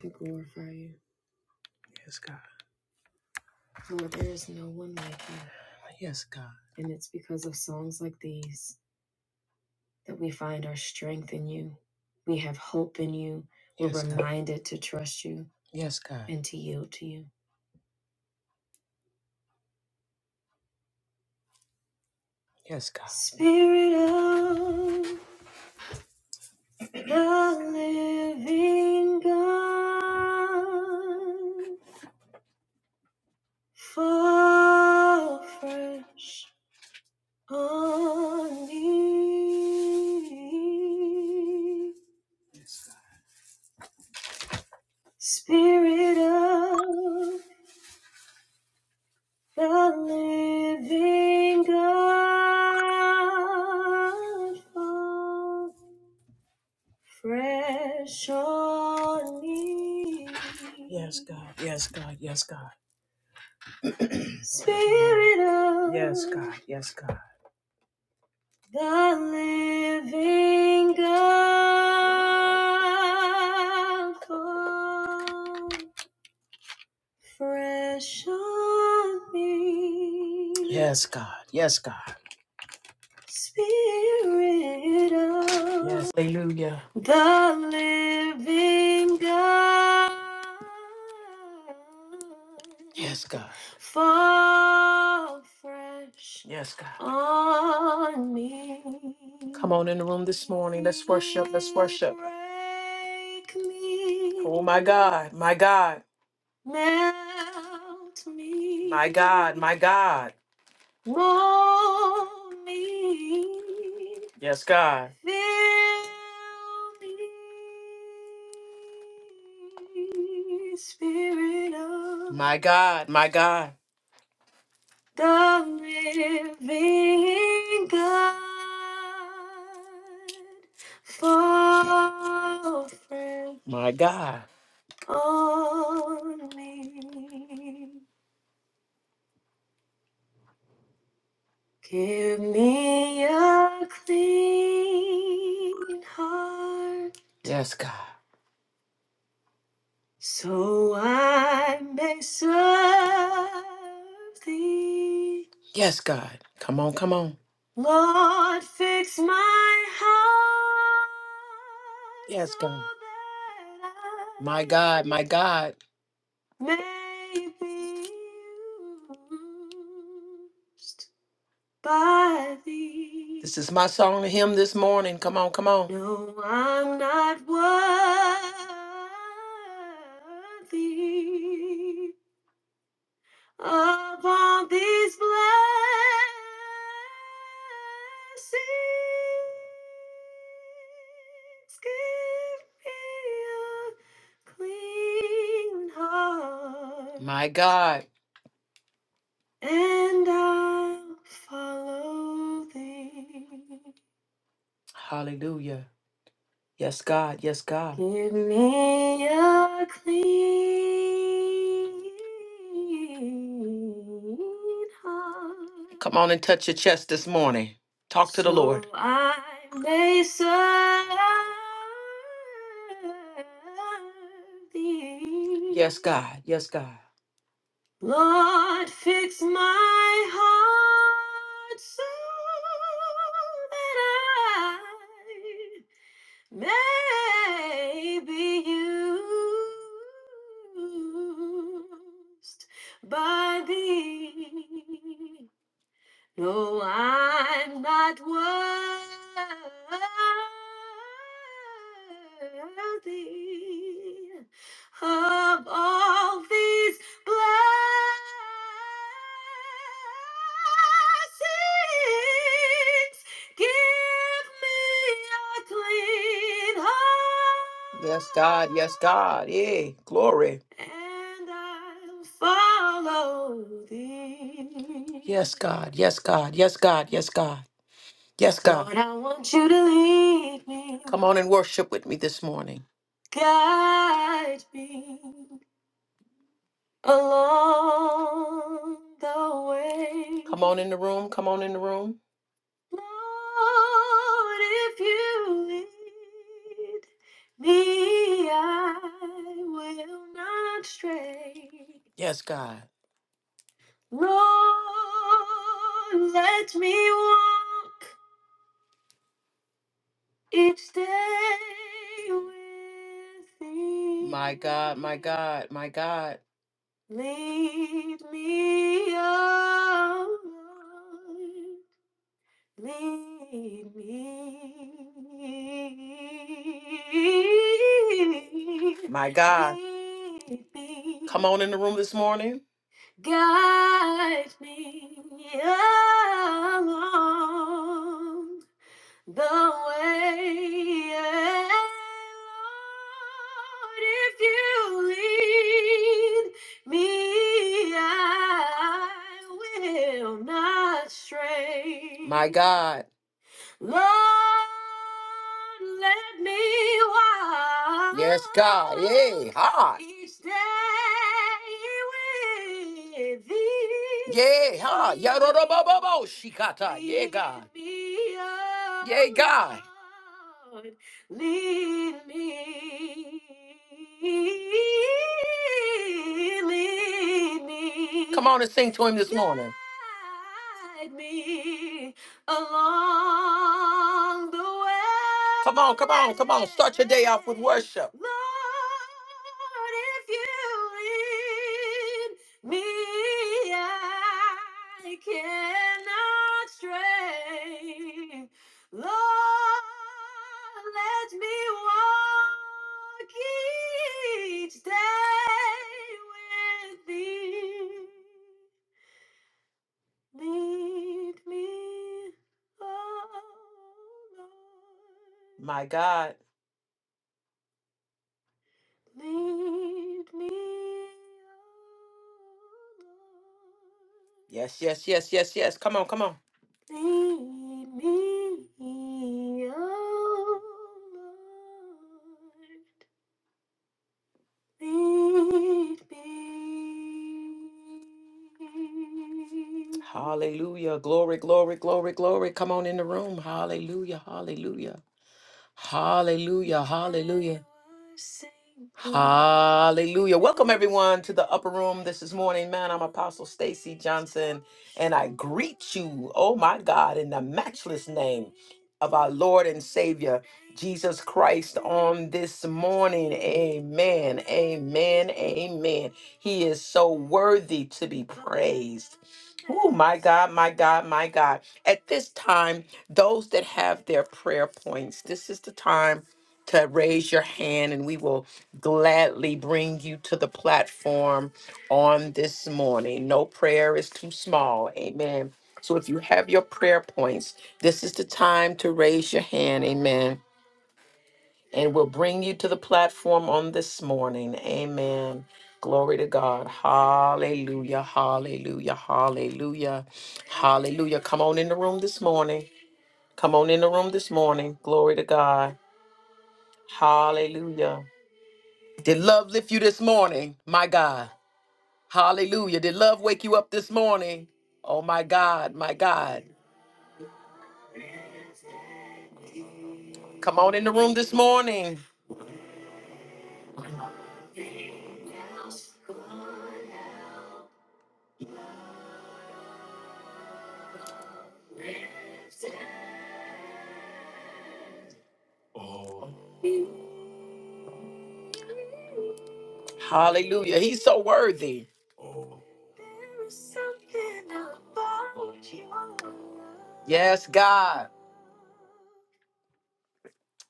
to glorify you. Yes, God. Lord, there is no one like you. Yes, God. And it's because of songs like these that we find our strength in you. We have hope in you. We're Yes, God. reminded to trust you Yes, God. and to yield to you. Yes, God. Spirit of the living God, fall fresh. on me, Spirit of the Living God, fall fresh on me. Yes, God. Yes, God. Yes, God. Spirit of yes, God. Yes, God. The living God fall fresh on me. Yes, God. Yes, God. Spirit of Yes. Hallelujah. the living God, Yes, God. fall fresh Yes, God. on me. Come on in the room this morning. Let's worship. Let's worship. Break me. Oh, my God. My God. melt me. My God. My God. Mold me. Yes, God. Fill me, Spirit of my God, my God, the living God, fall fresh. My God, on me. Give me a clean heart Yes, God. so I may serve thee. Yes, God. Come on, come on. Lord, fix my heart Yes, so God. so My I God, my God. may be used by thee. This is my song to him this morning. Come on, come on. No, I'm not worthy of all these blessings. Give me a clean heart, My God. and I'll follow thee. Hallelujah. Yes, God. Yes, God. Give me a clean heart Come on and touch your chest this morning. Talk to the Lord. so I may serve Yes, thee. God. Yes, God. Lord, fix my heart so that May be used by thee. No, I'm not worthy of all these blessings. Give me a clean heart. Yes, God. Yes, God. Yay. Glory and I'll follow thee. Yes, God. Yes, God. Yes, God. Yes, God. Yes, God. Lord, I want you to lead me. Come on and worship with me this morning. Guide me along the way. Come on in the room. Come on in the room. Lord, if you lead me, I will not stray. Yes, God. Lord, let me walk each day with thee. My God, my God, my God. Lead me on. Lead me. My God. Lead me. Come on in the room this morning. Guide me along the way. Lord, if you lead me, I will not stray. My God. Lord, let me walk. Yes, God. Yay. Ha. walk each day with thee. Yay. Ha. thee. Yarorobobobo. Shikata. Yay, Lead God. Lead me, oh Yay, God. oh Lord, lead me, lead me. Come on and sing to him this morning. guide me, along the way. Come on, come on, come on. Start your day off with worship. Lord, if you lead me, I cannot stray. Lord, let me walk each day with thee. Lead me, oh Lord. My God. Lead me, oh Lord. Yes, yes, yes, yes, yes. Come on, come on. Lead me, oh Lord. Lead me. Hallelujah. Glory, glory, glory, glory. Come on in the room. Hallelujah. Hallelujah. Hallelujah. Hallelujah. Hallelujah. Welcome everyone to the upper room this is morning, man. I'm Apostle Stacy Johnson and I greet you, oh my God, in the matchless name of our Lord and Savior Jesus Christ on this morning. Amen. Amen. Amen. He is so worthy to be praised. Oh my God, my God, my God. At this time, those that have their prayer points, this is the time to raise your hand and we will gladly bring you to the platform on this morning. No prayer is too small. Amen. So if you have your prayer points, this is the time to raise your hand. Amen. And we'll bring you to the platform on this morning. Amen. Glory to God. Hallelujah. Hallelujah. Hallelujah. Hallelujah. Come on in the room this morning. Come on in the room this morning. Glory to God. Hallelujah. Did love lift you this morning? My God. Hallelujah. Did love wake you up this morning? Oh, my God. My God. Come on in the room this morning. Hallelujah. He's so worthy. Yes, God.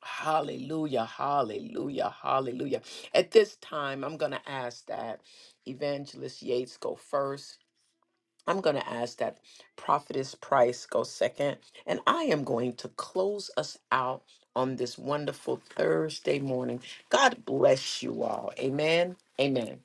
Hallelujah, hallelujah, hallelujah. At this time, I'm going to ask that Evangelist Yates go first. I'm going to ask that Prophetess Price go second. And I am going to close us out on this wonderful Thursday morning. God bless you all. Amen. Amen.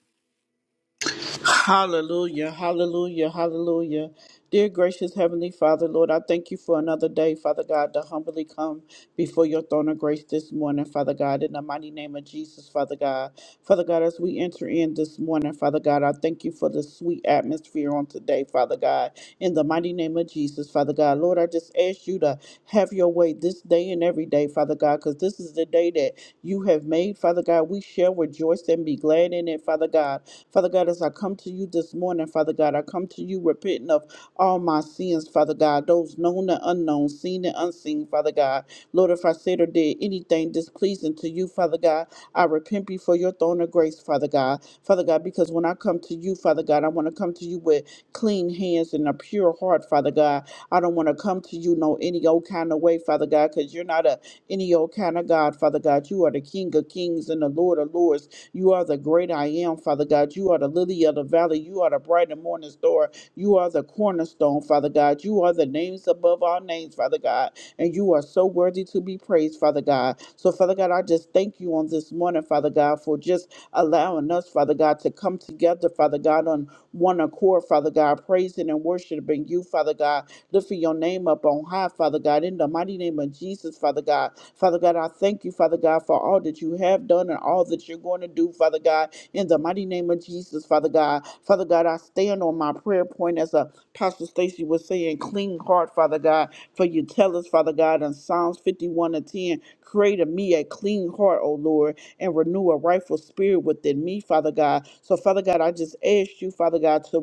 Hallelujah, hallelujah, hallelujah. Dear gracious Heavenly Father, Lord, I thank you for another day, Father God, to humbly come before your throne of grace this morning, Father God, in the mighty name of Jesus, Father God. Father God, as we enter in this morning, Father God, I thank you for the sweet atmosphere on today, Father God, in the mighty name of Jesus, Father God. Lord, I just ask you to have your way this day and every day, Father God, because this is the day that you have made, Father God. We shall rejoice and be glad in it, Father God. Father God, as I come to you this morning, Father God, I come to you repenting of all my sins, Father God, those known and unknown, seen and unseen, Father God. Lord, if I said or did anything displeasing to you, Father God, I repent before your throne of grace, Father God. Father God, because when I come to you, Father God, I want to come to you with clean hands and a pure heart, Father God. I don't want to come to you no any old kind of way, Father God, because you're not a any old kind of God, Father God. You are the King of kings and the Lord of lords. You are the great I am, Father God. You are the lily of the valley. You are the bright and morning star. You are the cornerstone, Father God. You are the names above all names, Father God. And you are so worthy to be praised, Father God. So, Father God, I just thank you on this morning, Father God, for just allowing us, Father God, to come together, Father God, on one accord, Father God, praising and worshiping you, Father God lifting your name up on high, Father God, in the mighty name of Jesus, Father God. Father God, I thank you, Father God, for all that you have done and all that you're going to do, Father God, in the mighty name of Jesus, Father God. Father God, I stand on my prayer point as Apostle Stacy was saying, clean heart, Father God, for you tell us, Father God, in Psalms 51 and 10, create in me a clean heart, O Lord, and renew a rightful spirit within me, Father God. So, Father God, I just ask you, Father God, to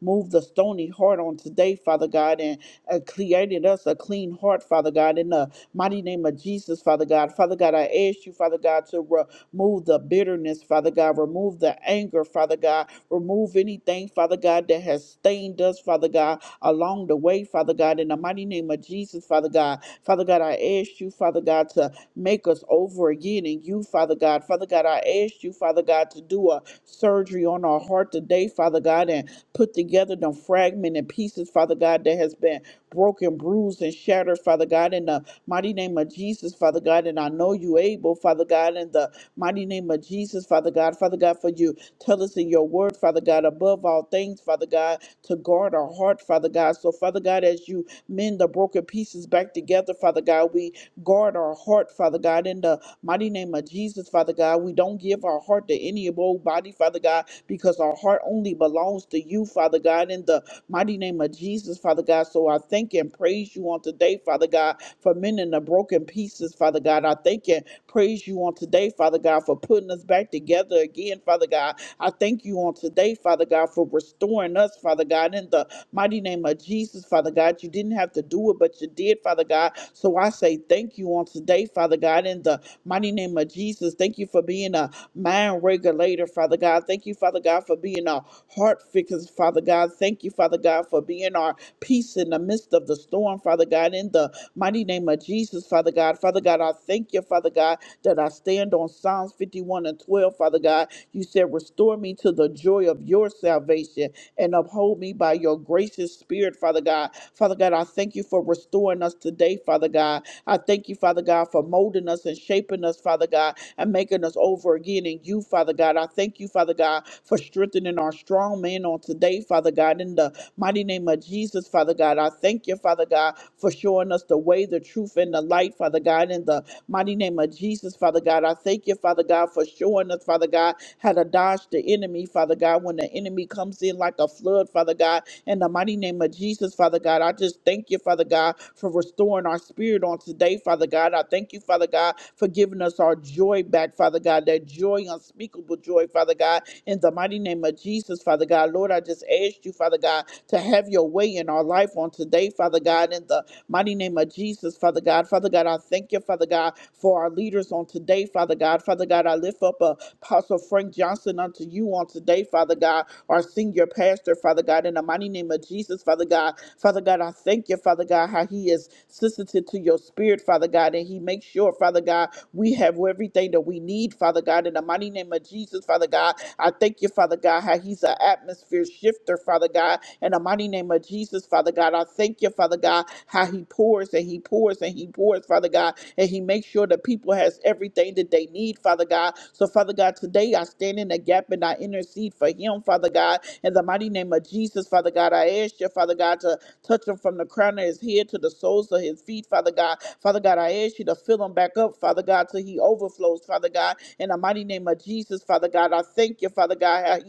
remove the stony heart on today, Father God, and uh, created us a clean heart, Father God, in the mighty name of Jesus, Father God. Father God, I ask you, Father God, to remove the bitterness, Father God, remove the anger, Father God, remove anything, Father God, that has stained us, Father God, along the way, Father God, in the mighty name of Jesus, Father God. Father God, I ask you, Father God, to make us over again in you, Father God. Father God, I ask you, Father God, to do a surgery on our heart today, Father God, and put together them fragmented pieces, Father God, that has been broken, bruised, and shattered, Father God, in the mighty name of Jesus, Father God. And I know you able, Father God, in the mighty name of Jesus, Father God. Father God, for you tell us in your word, Father God, above all things, Father God, to guard our heart, Father God. So, Father God, as you mend the broken pieces back together, Father God, we guard our heart, Father God, in the mighty name of Jesus, Father God. We don't give our heart to any of old body, Father God, because our heart only belongs to you, Father God, in the mighty name of Jesus, Father God. So I thank and praise you on today, Father God, for mending the broken pieces, Father God. I thank and praise you on today, Father God, for putting us back together again, Father God. I thank you on today, Father God, for restoring us, Father God, in the mighty name of Jesus, Father God. You didn't have to do it, but you did, Father God. So I say thank you on today, Father God, in the mighty name of Jesus. Thank you for being a mind regulator, Father God. Thank you, Father God, for being our heart fixers, Father God. Thank you, Father God, for being our peace in the midst of the storm, Father God. In the mighty name of Jesus, Father God. Father God, I thank you, Father God, that I stand on Psalms 51 and 12, Father God. You said, Restore me to the joy of your salvation and uphold me by your gracious spirit, Father God. Father God, I thank you for restoring us today, Father God. I thank you, Father God, for molding us and shaping us, Father God and making us over again in you, Father God. I thank you, Father God, for strengthening our strong man on today, Father God, in the mighty name of Jesus, Father God. I thank you, Father God, for showing us the way, the truth, and the light, Father God, in the mighty name of Jesus, Father God. I thank you, Father God, for showing us, Father God, how to dodge the enemy, Father God, when the enemy comes in like a flood, Father God. In the mighty name of Jesus, Father God, I just thank you, Father God, for restoring our spirit on today, Father God. I thank you, Father God, for giving us our joy back, Father God, that joy, unspeakable joy, Father God. In the mighty name of Jesus, Father God, Lord, I just asked you, Father God, to have your way in our life on today, Father God. In the mighty name of Jesus, Father God, Father God, I thank you, Father God, for our leaders on today, Father God. Father God, I lift up Apostle Frank Johnson unto you on today, Father God our senior pastor, Father God, in the mighty name of Jesus, Father God. Father God, I thank you, Father God, how he is sensitive to your spirit, Father God, and he makes sure, Father God, we have everything that we need, Father God, in the mighty name of Jesus, Father God. I thank you, Father God, how he's an atmosphere shifter, Father God, in the mighty name of Jesus, Father God. I thank you, Father God, how he pours and he pours and he pours, Father God, and he makes sure that people has everything that they need, Father God. So, Father God, today I stand in the gap and I intercede for him, Father God, in the mighty name of Jesus, Father God. I ask you, Father God, to touch him from the crown of his head to the soles of his feet, Father God. Father God, I ask you to fill him back up, Father God, till he overflows, Father God. In the mighty name of Jesus, Father God, I thank you, Father God, how he's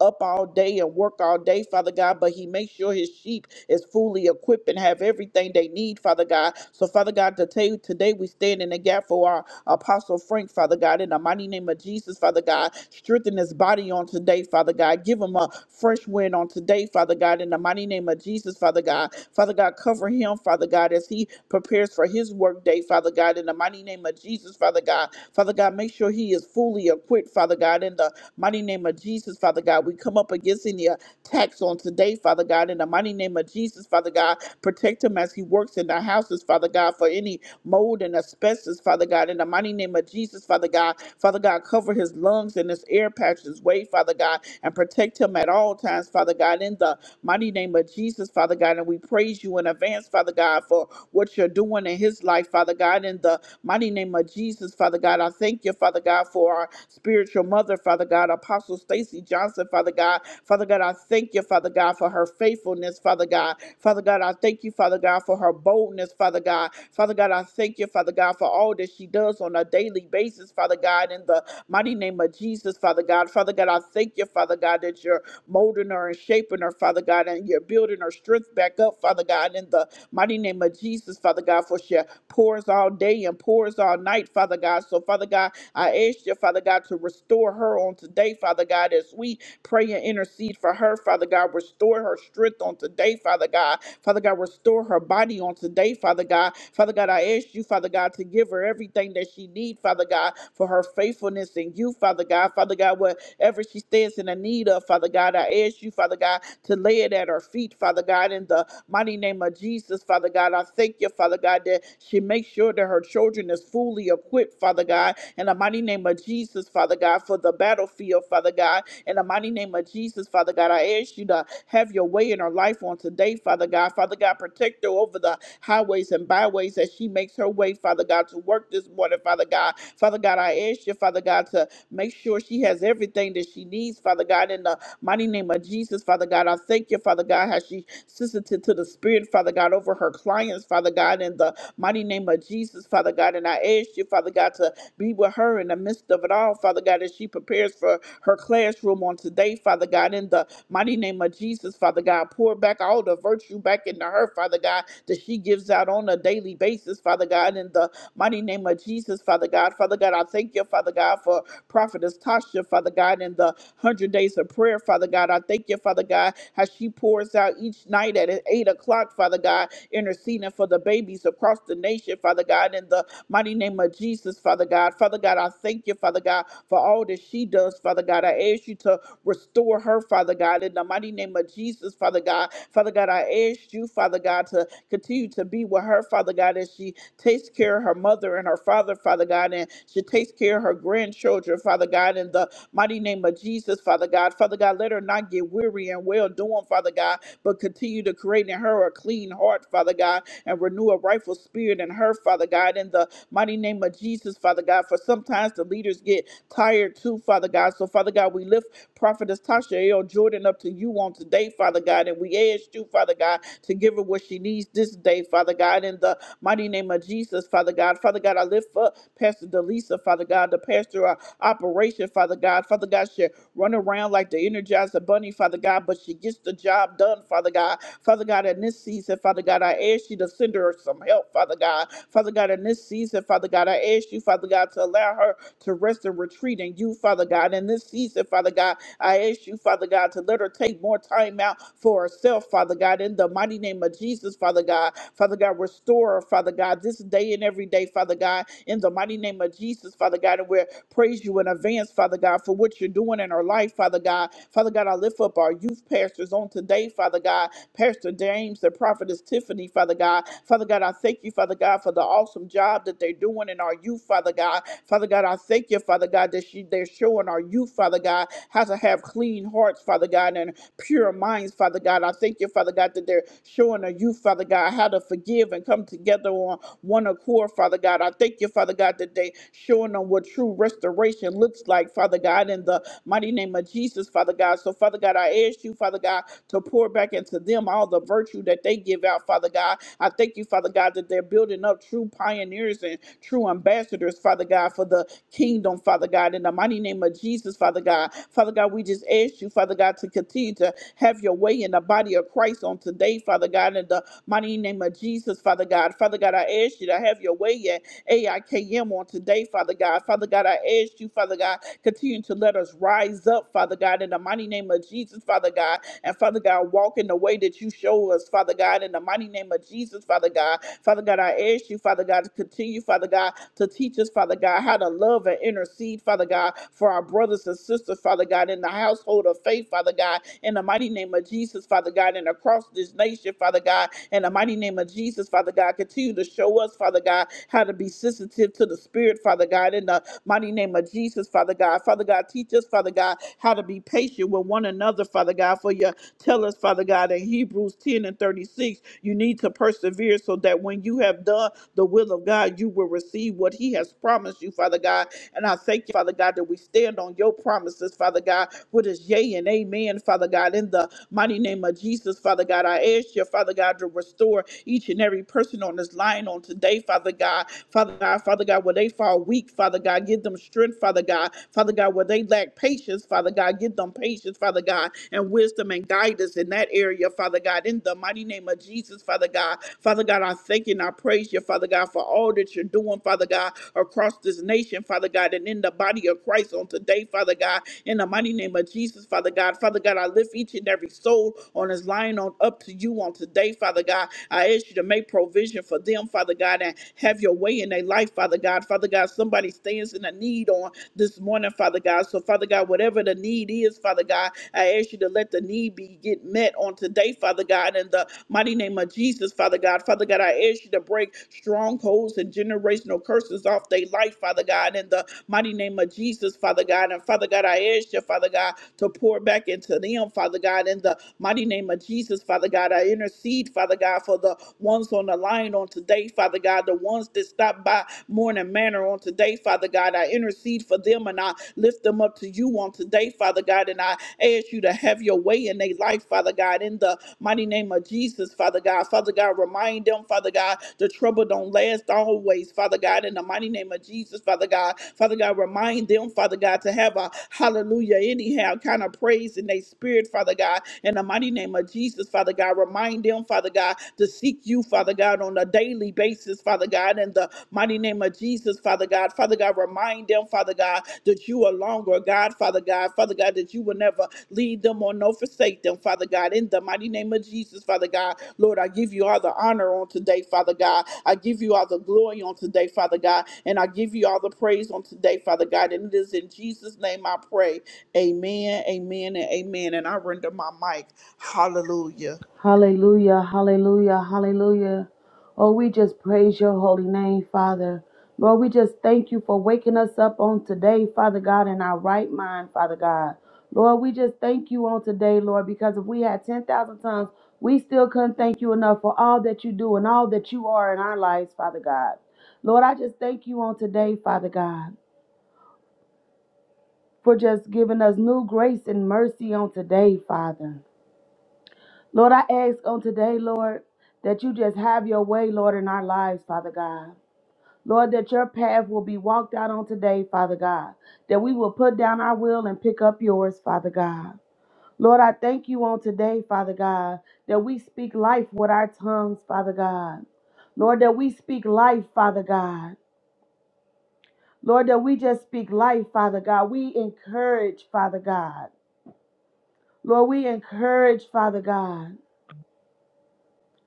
up all day and work all day, Father God, but he makes sure his sheep is fully equipped and have everything they need, Father God. So, Father God, today, today we stand in the gap for our Apostle Frank, Father God, in the mighty name of Jesus, Father God. Strengthen his body on today, Father God. Give him a fresh wind on today, Father God, in the mighty name of Jesus, Father God. Father God, cover him, Father God, as he prepares for his work day, Father God, in the mighty name of Jesus, Father God. Father God, make sure he is fully equipped, Father God, in the Mighty name of Jesus, Father God. We come up against any attacks on today, Father God. In the mighty name of Jesus, Father God, protect him as he works in the houses, Father God, for any mold and asbestos, Father God. In the mighty name of Jesus, Father God, Father God, cover his lungs and his air patches, way, Father God, and protect him at all times, Father God. In the mighty name of Jesus, Father God, and we praise you in advance, Father God, for what you're doing in his life, Father God. In the Mighty name of Jesus, Father God, I thank you, Father God, for our spiritual mother, Father God, Apostle Stacy Johnson, Father God. Father God, I thank you, Father God, for her faithfulness, Father God. Father God, I thank you, Father God, for her boldness, Father God. Father God, I thank you, Father God, for all that she does on a daily basis, Father God, in the mighty name of Jesus, Father God. Father God, I thank you, Father God, that you're molding her and shaping her, Father God, and you're building her strength back up, Father God, in the mighty name of Jesus, Father God, for she pours all day and pours all night, Father God. So, Father God, I ask you, Father God, to restore her on today, Father God, as we pray and intercede for her, Father God. Restore her strength on today, Father God. Father God, restore her body on today, Father God. Father God, I ask you, Father God, to give her everything that she needs, Father God, for her faithfulness in you, Father God. Father God, whatever she stands in the need of, Father God, I ask you, Father God, to lay it at her feet, Father God, in the Mighty name of Jesus, Father God. I thank you, Father God, that she makes sure that her children is fully equipped, Father God. In the mighty name of Jesus, Father God, for the battlefield, Father God. In the mighty name of Jesus, Father God, I ask you to have your way in her life on today, Father God. Father God, protect her over the highways and byways as she makes her way, Father God, to work this morning, Father God. Father God, I ask you, Father God, to make sure she has everything that she needs, Father God, in the mighty name of Jesus, Father God. I thank you, Father God, how she sensitive to the Spirit, Father God, over her clients, Father God, in the mighty name of Jesus, Father God. And I ask you, Father God, to be with her in the midst of it all, Father God, as she prepares for her classroom on today, Father God, in the mighty name of Jesus, Father God. Pour back all the virtue back into her, Father God, that she gives out on a daily basis, Father God, in the mighty name of Jesus, Father God. Father God, I thank you, Father God, for Prophetess Tasha, Father God, in the 100 days of prayer, Father God. I thank you, Father God, how she pours out each night at 8 o'clock, Father God, interceding for the babies across the nation, Father God, in the mighty name of Jesus, Father God. Father God, I thank you, Father God, for all that she does, Father God. I ask you to restore her, Father God, in the mighty name of Jesus, Father God. Father God, I ask you, Father God, to continue to be with her, Father God, as she takes care of her mother and her father, Father God, and she takes care of her grandchildren, Father God, in the Mighty name of Jesus, Father God. Father God, let her not get weary and well doing, Father God, but continue to create in her a clean heart, Father God, and renew a rightful spirit in her, Father God, in the mighty name of Jesus, Father God. For sometimes the leaders get tired too, Father God. So, Father God, we lift Prophetess Tasha L. Jordan up to you on today, Father God, and we ask you, Father God, to give her what she needs this day, Father God, in the mighty name of Jesus, Father God. Father God, I lift up Pastor Delisa, Father God, the pastor. of operation, Father God. Father God, she run around like the Energizer Bunny, Father God, but she gets the job done, Father God. Father God, in this season, Father God, I ask you to send her some help, Father God. Father God, in this season, Father God, I ask you, Father God, to allow her to rest and retreat in you, Father God. In this season, Father God, I ask you, Father God, to let her take more time out for herself, Father God, in the mighty name of Jesus, Father God. Father God, restore her, Father God, this day and every day, Father God, in the mighty name of Jesus, Father God, and where praise you in advance, Father God, for what you're doing in our life, Father God. Father God, I lift up our youth pastors on today, Father God. Pastor James, the prophetess Tiffany, Father God. Father God, I thank you, Father God, for the awesome job that they're doing in our youth, Father God. Father God, I thank you, Father God, that she, they're showing our youth, Father God, how to have clean hearts, Father God, and pure minds, Father God. I thank you, Father God, that they're showing our youth, Father God, how to forgive and come together on one accord, Father God. I thank you, Father God, today, showing them what true restoration looks like, Father God, in the mighty name of Jesus, Father God. So, Father God, I ask you, Father God, to pour back into them all the virtue that they give out, Father God. I thank you, Father God, that they're building up true pioneers and true ambassadors, Father God, for the kingdom, Father God. In the mighty name of Jesus, Father God. Father God, we just ask you, Father God, to continue to have your way in the body of Christ on today, Father God, In the Mighty name of Jesus, Father God. Father God, I ask you to have your way at AIKM on today, Father God. Father God, I ask you, Father God, continue to let us rise up, Father God, in the mighty name of Jesus, Father God. And Father God, walk in the way that you show us, Father God, in the mighty name of Jesus, Father God. Father God, I ask you, Father God, to continue, Father God, to teach us, Father God, how to love and intercede, Father God, for our brothers and sisters, Father God, in the household of faith, Father God, in the mighty name of Jesus, Father God, and across this nation, Father God, in the mighty name of Jesus, Father God, continue to show us, Father God, how to be sensitive to the Spirit, Father God, in the mighty name of Jesus, Father God. Father God, teach us, Father God, how to be patient with one another, Father God, for your Tell us, Father God, in Hebrews 10 and 36, you need to persevere so that when you have done the will of God, you will receive what He has promised you, Father God. And I thank you, Father God, that we stand on your promises, Father God, what is yea and amen, Father God, in the Mighty name of Jesus, Father God, I ask you, Father God, to restore each and every person on this line on today, Father God. Father God, Father God, where they fall weak, Father God, give them strength, Father God. Father God, where they lack patience, Father God, give them patience, Father God, and wisdom and guidance in that area, Father God. In the mighty name of Jesus, Father God. Father God, I thank you and I praise you, Father God, for all that you're doing, Father God, across this nation, Father God, and in the body of Christ on today, Father God in the mighty name of Jesus, Father God. Father God, I lift each and every soul on this line on up to you on today, Father God. I ask you to make provision for them, Father God, and have your way in their life, Father God. Father God, somebody stands in a need on this morning, Father God. So, Father God, whatever the need is, Father God, I ask you to let the need be get met on today, Father God, in the mighty name of Jesus, Father God. Father God, I ask you to break strongholds and generational curses off their life, Father God, in the mighty name of Jesus, Father God. And Father God, I ask you, Father God, to pour back into them, Father God, in the mighty name of Jesus, Father God. I intercede, Father God, for the ones on the line on today, Father God, the ones that stopped by Morning Manor on today, Father God. I intercede for them and I lift them up to you on today, Father God. And I ask you to have your way in their life, Father God, in the Mighty name of Jesus, Father God. Father God, remind them, Father God, the trouble don't last always, Father God. In the mighty name of Jesus, Father God. Father God, remind them, Father God, to have a hallelujah, anyhow, kind of praise in their spirit, Father God. In the mighty name of Jesus, Father God, remind them, Father God, to seek you, Father God, on a daily basis, Father God. In the mighty name of Jesus, Father God. Father God, remind them, Father God, that you are longer, God, Father God. Father God, that you will never lead them or no forsake them, Father God. In the mighty name of Jesus, Father God, Lord, I give you all the honor on today, Father God. I give you all the glory on today, Father God, and I give you all the praise on today, Father God. And it is in Jesus' name I pray. Amen, amen, and amen. And I render my mic. Hallelujah. Hallelujah, hallelujah, hallelujah. Oh, we just praise your holy name, Father. Lord, we just thank you for waking us up on today, Father God, in our right mind, Father God. Lord, we just thank you on today, Lord, because if we had 10,000 tongues, we still couldn't thank you enough for all that you do and all that you are in our lives, Father God. Lord, I just thank you on today, Father God, for just giving us new grace and mercy on today, Father. Lord, I ask on today, Lord, that you just have your way, Lord, in our lives, Father God. Lord, that your path will be walked out on today, Father God. That we will put down our will and pick up yours, Father God. Lord, I thank you on today, Father God, that we speak life with our tongues, Father God. Lord, that we speak life, Father God. Lord, that we just speak life, Father God. We encourage, Father God. Lord, we encourage, Father God.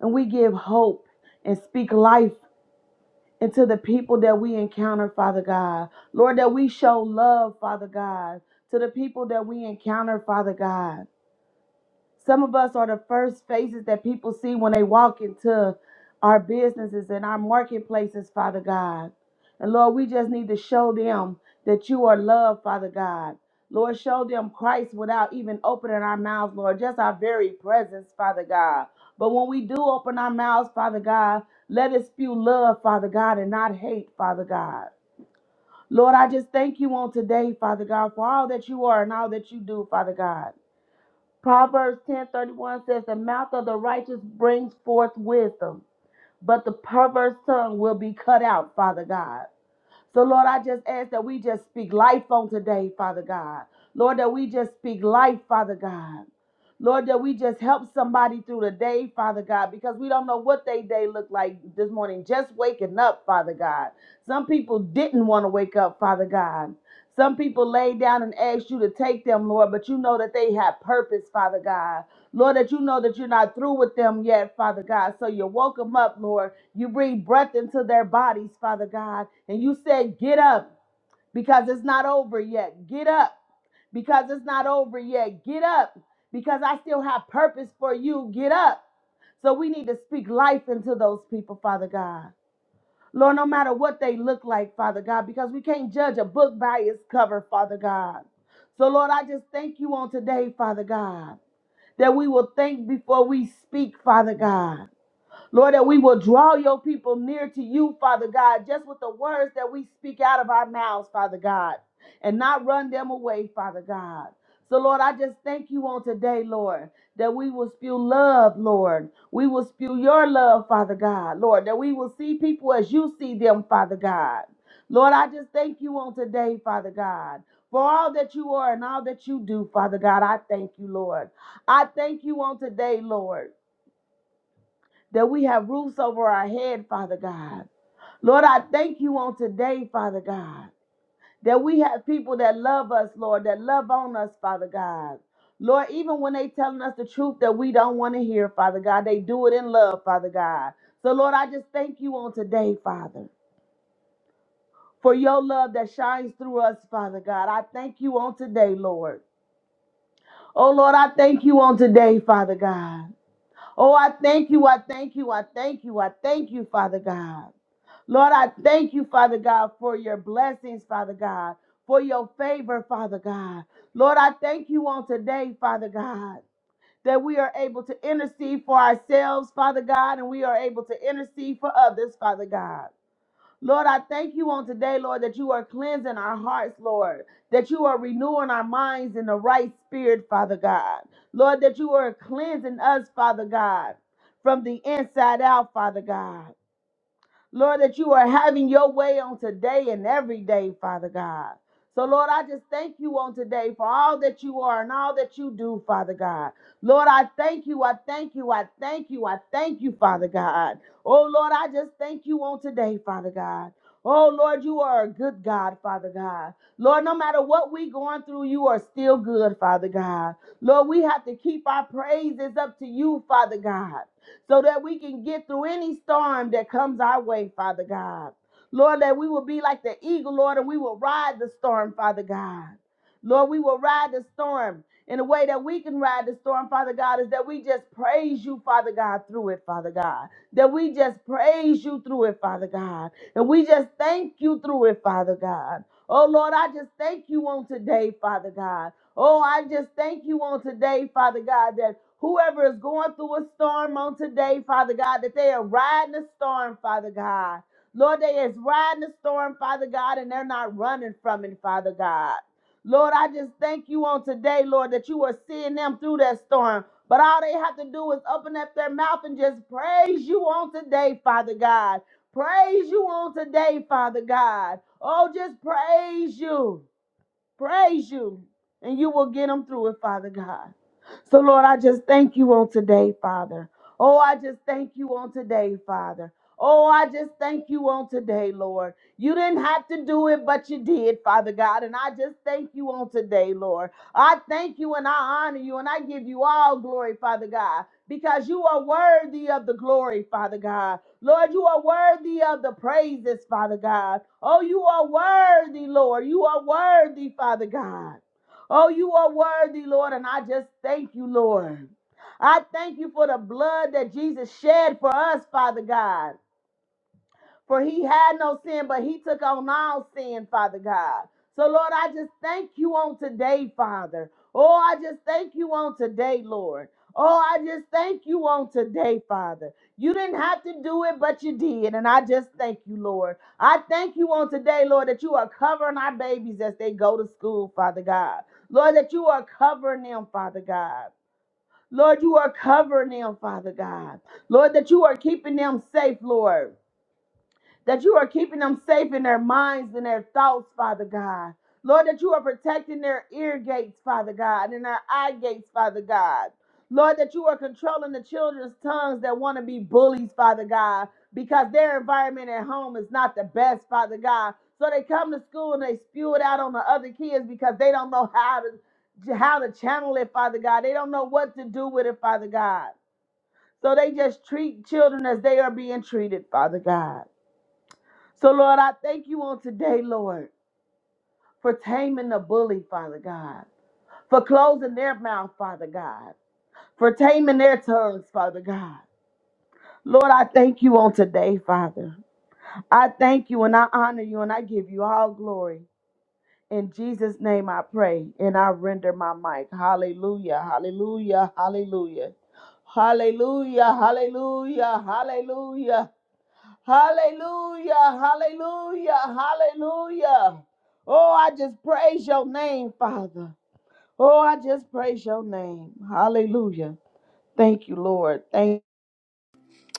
And we give hope and speak life, and to the people that we encounter, Father God. Lord, that we show love, Father God, to the people that we encounter, Father God. Some of us are the first faces that people see when they walk into our businesses and our marketplaces, Father God. And Lord, we just need to show them that you are love, Father God. Lord, show them Christ without even opening our mouths, Lord, just our very presence, Father God. But when we do open our mouths, Father God, let us spew love, Father God, and not hate, Father God. Lord, I just thank you on today, Father God, for all that you are and all that you do, Father God. Proverbs 10:31 says, "The mouth of the righteous brings forth wisdom, but the perverse tongue will be cut out, Father God." So, Lord, I just ask that we just speak life on today, Father God. Lord, that we just speak life, Father God. Lord, that we just help somebody through the day, Father God, because we don't know what they day looked like this morning. Just waking up, Father God. Some people didn't want to wake up, Father God. Some people laid down and asked you to take them, Lord, but you know that they had purpose, Father God. Lord, that you know that you're not through with them yet, Father God. So you woke them up, Lord. You breathe breath into their bodies, Father God. And you said, Get up because it's not over yet. Get up because it's not over yet. Get up because I still have purpose for you. Get up. So we need to speak life into those people, Father God. Lord, no matter what they look like, Father God, because we can't judge a book by its cover, Father God. So, Lord, I just thank you on today, Father God that we will think before we speak, Father God. Lord, that we will draw your people near to you, Father God, just with the words that we speak out of our mouths, Father God, and not run them away, Father God. So, Lord, I just thank you on today, Lord, that we will spew love, Lord. We will spew your love, Father God, Lord, that we will see people as you see them, Father God. Lord, I just thank you on today, Father God, for all that you are and all that you do, Father God. I thank you, Lord. I thank you on today, Lord that we have roofs over our head, Father God. Lord, I thank you on today, Father God, that we have people that love us, Lord, that love on us, Father God. Lord, even when they telling us the truth that we don't want to hear, Father God, they do it in love, Father God. So, Lord, I just thank you on today, Father, for your love that shines through us, Father God. I thank you on today, Lord. Oh, Lord, I thank you on today, Father God. Oh, I thank you. I thank you. I thank you. I thank you, Father God. Lord, I thank you, Father God, for your blessings, Father God, for your favor, Father God. Lord, I thank you on today, Father God, that we are able to intercede for ourselves, Father God, and we are able to intercede for others, Father God. Lord, I thank you on today, Lord, that you are cleansing our hearts, Lord, that you are renewing our minds in the right spirit, Father God. Lord, that you are cleansing us, Father God, from the inside out, Father God. Lord, that you are having your way on today and every day, Father God. So, Lord, I just thank you on today for all that you are and all that you do, Father God. Lord, I thank you. I thank you. I thank you. I thank you, Father God. Oh, Lord, I just thank you on today, Father God. Oh, Lord, you are a good God, Father God. Lord, no matter what we going through, you are still good, Father God. Lord, we have to keep our praises up to you, Father God so that we can get through any storm that comes our way, Father God. Lord, that we will be like the eagle, Lord, and we will ride the storm, Father God. Lord, we will ride the storm. And the way that we can ride the storm, Father God, is that we just praise you, Father God, through it, Father God. That we just praise you through it, Father God. And we just thank you through it, Father God. Oh, Lord, I just thank you on today, Father God. Oh, I just thank you on today, Father God, that. Whoever is going through a storm on today, Father God, that they are riding the storm, Father God. Lord, they is riding the storm, Father God, and they're not running from it, Father God. Lord, I just thank you on today, Lord, that you are seeing them through that storm. But all they have to do is open up their mouth and just praise you on today, Father God. Praise you on today, Father God. Oh, just praise you praise you, and you will get them through it, Father God. So, Lord, I just thank you on today, Father. Oh, I just thank you on today, Father. Oh, I just thank you on today, Lord. You didn't have to do it, but you did, Father God. And I just thank you on today, Lord. I thank you and I honor you and I give you all glory, Father God, because you are worthy of the glory, Father God. Lord, you are worthy of the praises, Father God. Oh, you are worthy, Lord. You are worthy, Father God. Oh, you are worthy, Lord. And I just thank you, Lord. I thank you for the blood that Jesus shed for us, Father God. For he had no sin, but he took on all sin, Father God. So, Lord, I just thank you on today, Father. Oh, I just thank you on today, Lord. Oh, I just thank you on today, Father. You didn't have to do it, but you did. And I just thank you, Lord. I thank you on today, Lord, that you are covering our babies as they go to school, Father God. Lord, that you are covering them, Father God. Lord, you are covering them, Father God. Lord, that you are keeping them safe, Lord that you are keeping them safe in their minds and their thoughts, Father God. Lord, that you are protecting their ear gates, Father God, and their eye gates, Father God. Lord, that you are controlling the children's tongues that want to be bullies, Father God, because their environment at home is not the best, Father God. So they come to school and they spew it out on the other kids because they don't know how to how to channel it, Father God. They don't know what to do with it, Father God. So they just treat children as they are being treated, Father God. So, Lord, I thank you on today, Lord, for taming the bully, Father God, for closing their mouth, Father God, for taming their tongues, Father God. Lord, I thank you on today, Father. I thank you and I honor you and I give you all glory. In Jesus' name I pray and I render my mic. Hallelujah, hallelujah, hallelujah. Hallelujah, hallelujah, hallelujah, Hallelujah, hallelujah, hallelujah. Oh, I just praise your name, Father. Oh, I just praise your name. Hallelujah. Thank you, Lord. Thank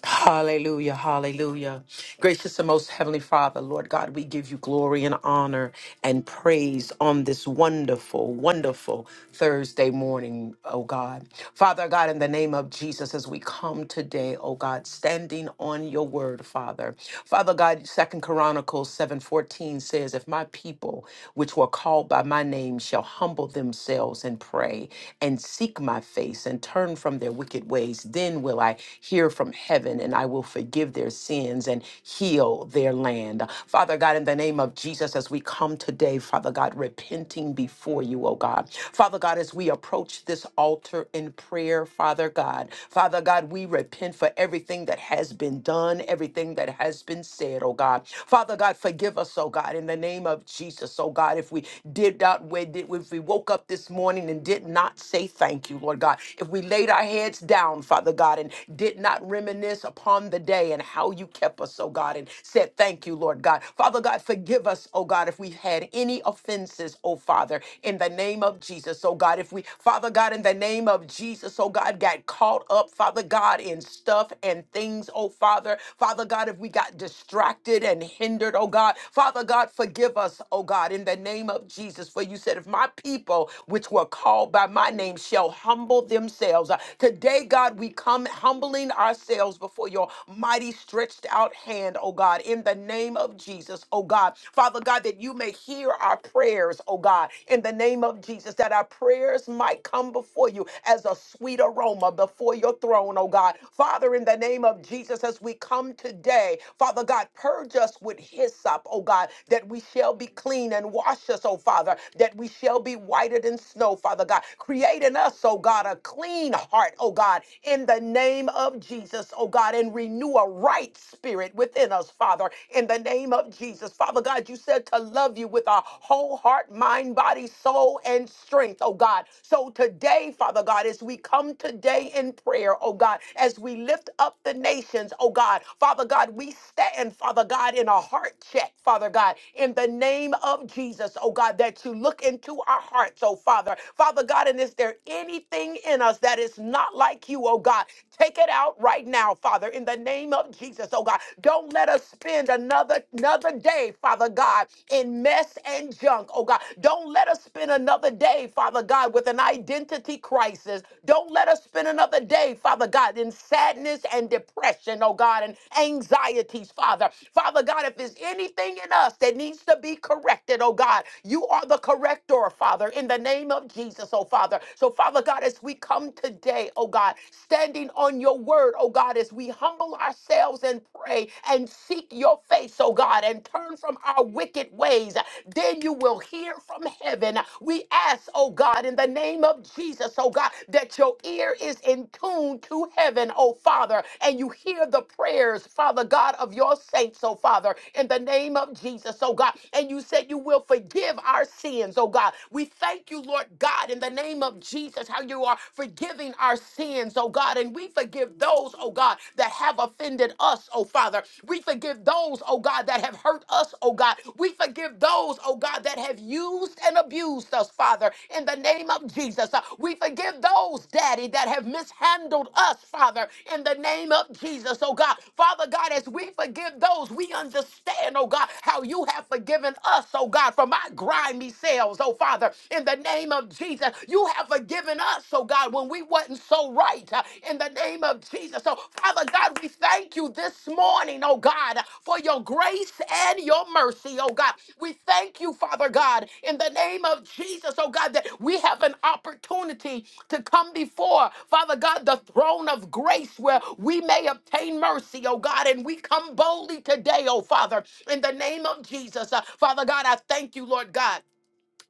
Hallelujah, hallelujah. Gracious and most heavenly Father, Lord God, we give you glory and honor and praise on this wonderful, wonderful Thursday morning, oh God. Father God, in the name of Jesus, as we come today, oh God, standing on your word, Father. Father God, Second Chronicles 7:14 says, If my people which were called by my name shall humble themselves and pray and seek my face and turn from their wicked ways. Then will I hear from heaven and I will forgive their sins and heal their land. Father God, in the name of Jesus, as we come today, Father God, repenting before you, oh God. Father God, as we approach this altar in prayer, Father God, Father God, we repent for everything that has been done, everything that has been said, oh God. Father God, forgive us, oh God, in the name of Jesus, oh God, if we did not, we did- if we woke up this morning and did not did not say thank you, Lord God, if we laid our heads down, Father God, and did not reminisce upon the day and how you kept us, oh God, and said thank you, Lord God. Father God, forgive us, oh God, if we've had any offenses, oh Father, in the name of Jesus, oh God, if we, Father God, in the name of Jesus, oh God, got caught up, Father God, in stuff and things, oh Father, Father God, if we got distracted and hindered, oh God, Father God, forgive us, oh God, in the name of Jesus, for you said, if my people, which were called by my name shall humble themselves. Uh, Today, God, we come humbling ourselves before your mighty stretched out hand, oh God, in the name of Jesus, oh God. Father God, that you may hear our prayers, oh God, in the name of Jesus, that our prayers might come before you as a sweet aroma before your throne, oh God. Father, in the name of Jesus, as we come today, Father God, purge us with hyssop, oh God, that we shall be clean and wash us, oh Father, that we shall be whiter than snow snow, Father God. Create in us, oh God, a clean heart, oh God, in the name of Jesus, oh God, and renew a right spirit within us, Father, in the name of Jesus. Father God, you said to love you with our whole heart, mind, body, soul, and strength, oh God. So today, Father God, as we come today in prayer, oh God, as we lift up the nations, oh God, Father God, we stand, Father God, in a heart check, Father God, in the name of Jesus, oh God, that you look into our hearts, hearts, oh Father. Father God, and is there anything in us that is not like you, oh God? Take it out right now, Father, in the name of Jesus, oh God. Don't let us spend another another day, Father God, in mess and junk, oh God. Don't let us spend another day, Father God, with an identity crisis. Don't let us spend another day, Father God, in sadness and depression, oh God, and anxieties, Father. Father God, if there's anything in us that needs to be corrected, oh God, you are the corrector, Father. Father, in the name of Jesus, oh Father. So, Father God, as we come today, oh God, standing on your word, oh God, as we humble ourselves and pray and seek your face, oh God, and turn from our wicked ways, then you will hear from heaven. We ask, oh God, in the name of Jesus, oh God, that your ear is in tune to heaven, oh Father, and you hear the prayers, Father God, of your saints, oh Father, in the name of Jesus, oh God. And you said you will forgive our sins, oh God. God. We thank you, Lord God, in the name of Jesus, how you are forgiving our sins, oh God. And we forgive those, oh God, that have offended us, oh Father. We forgive those, oh God, that have hurt us, oh God. We forgive those, oh God, that have used and abused us, Father, in the name of Jesus. Uh, We forgive those, Daddy, that have mishandled us, Father, in the name of Jesus, oh God. Father God, as we forgive those, we understand, oh God, how you have forgiven us, oh God, from our grimy sin fails, oh Father, in the name of Jesus. You have forgiven us, oh God, when we wasn't so right, uh, in the name of Jesus. So, Father God, we thank you this morning, oh God, for your grace and your mercy, oh God. We thank you, Father God, in the name of Jesus, oh God, that we have an opportunity to come before, Father God, the throne of grace where we may obtain mercy, oh God, and we come boldly today, oh Father, in the name of Jesus. Uh, Father God, I thank you, Lord God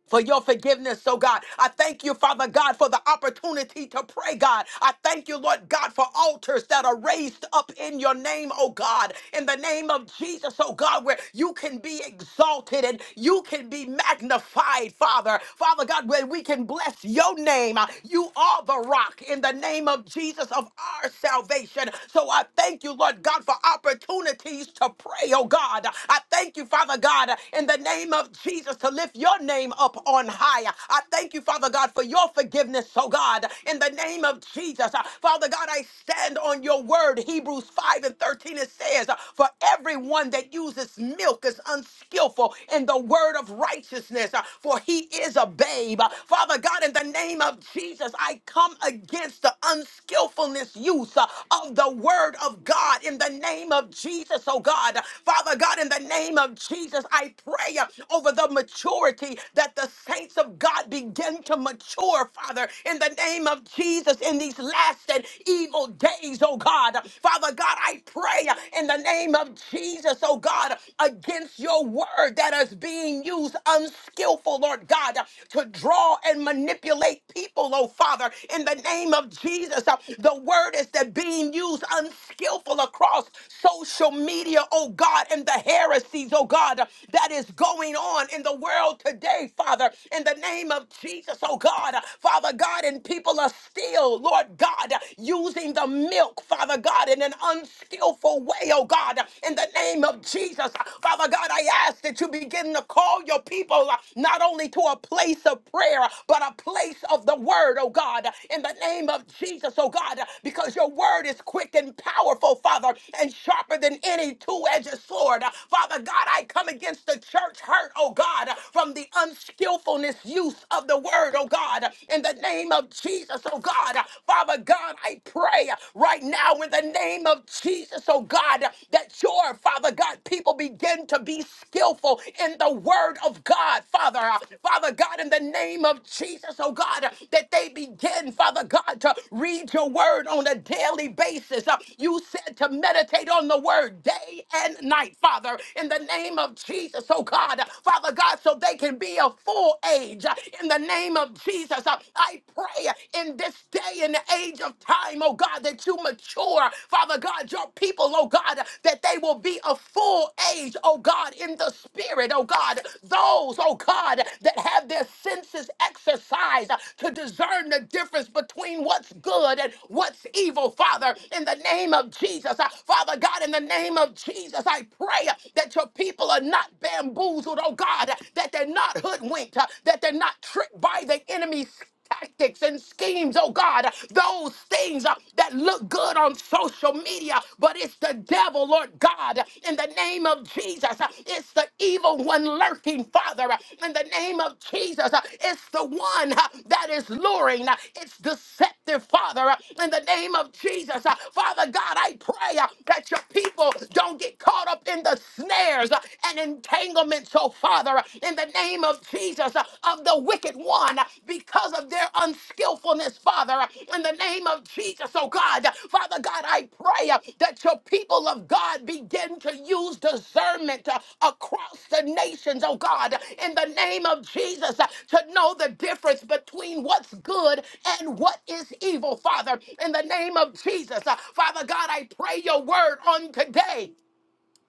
for your forgiveness, oh God. I thank you, Father God, for the opportunity to pray, God. I thank you, Lord God, for altars that are raised up in your name, oh God, in the name of Jesus, oh God, where you can be exalted and you can be magnified, Father. Father God, where we can bless your name. You are the rock in the name of Jesus of our salvation. So I thank you, Lord God, for opportunities to pray, oh God. I thank you, Father God, in the name of Jesus to lift your your name up on high. I thank you, Father God, for your forgiveness, oh God, in the name of Jesus. Uh, Father God, I stand on your word. Hebrews 5 and 13, it says, uh, For everyone that uses milk is unskillful in the word of righteousness, uh, for he is a babe. Uh, Father God, in the name of Jesus, I come against the unskillfulness use uh, of the word of God in the name of Jesus, oh God. Father God, in the name of Jesus, I pray uh, over the maturity, that the saints of God begin to mature, Father, in the name of Jesus, in these last and evil days, oh God. Father God, I pray in the name of Jesus, oh God, against your word that is being used unskillful, Lord God, to draw and manipulate people, oh Father, in the name of Jesus. The word is that being used unskillful across social media, oh God, and the heresies, oh God, that is going going on in the world today, Father, in the name of Jesus, oh God. Father God, and people are still, Lord God, using the milk, Father God, in an unskillful way, oh God, in the name of Jesus. Father God, I ask that you begin to call your people uh, not only to a place of prayer, but a place of the word, oh God, in the name of Jesus, oh God, because your word is quick and powerful, Father, and sharper than any two edged sword. Father God, I come against since the church hurt, oh God, from the unskillfulness use of the word, oh God, in the name of Jesus, oh God. Father God, I pray right now in the name of Jesus, oh God, that your Father God people begin to be skillful in the word of God, Father. Father God, in the name of Jesus, oh God, that they begin, Father God, to read your word on a daily basis. Uh, You said to meditate on the word day and night, Father, in the name name of Jesus, oh God, Father God, so they can be of full age. In the name of Jesus, I pray in this day and age of time, oh God, that you mature, Father God, your people, oh God, that they will be of full age, oh God, in the spirit, oh God. Those, oh God, that have their senses exercised to discern the difference between what's good and what's evil, Father, in the name of Jesus. Uh, Father God, in the name of Jesus, I pray that your people are not bamboozled, oh God, that they're not hoodwinked, uh, that they're not tricked by the enemy's tactics and schemes, oh God, those things uh, that look good on social media, but it's the devil, Lord God, in the name of Jesus. uh, It's the evil one lurking, Father, uh, in the name of Jesus. uh, It's the one uh, that is luring, uh, it's deceptive, Father, uh, in the name of Jesus. uh, Father God, I pray uh, that your people don't get caught up up in the snares uh, and entanglements, oh Father, uh, in the name of Jesus, uh, of the wicked one, uh, because of their unskillfulness, Father, uh, in the name of Jesus, oh God. Uh, Father God, I pray uh, that your people of God begin to use discernment uh, across the nations, oh God, uh, in the name of Jesus, uh, to know the difference between what's good and what is evil, Father, in the name of Jesus. Uh, Father God, I pray your word on today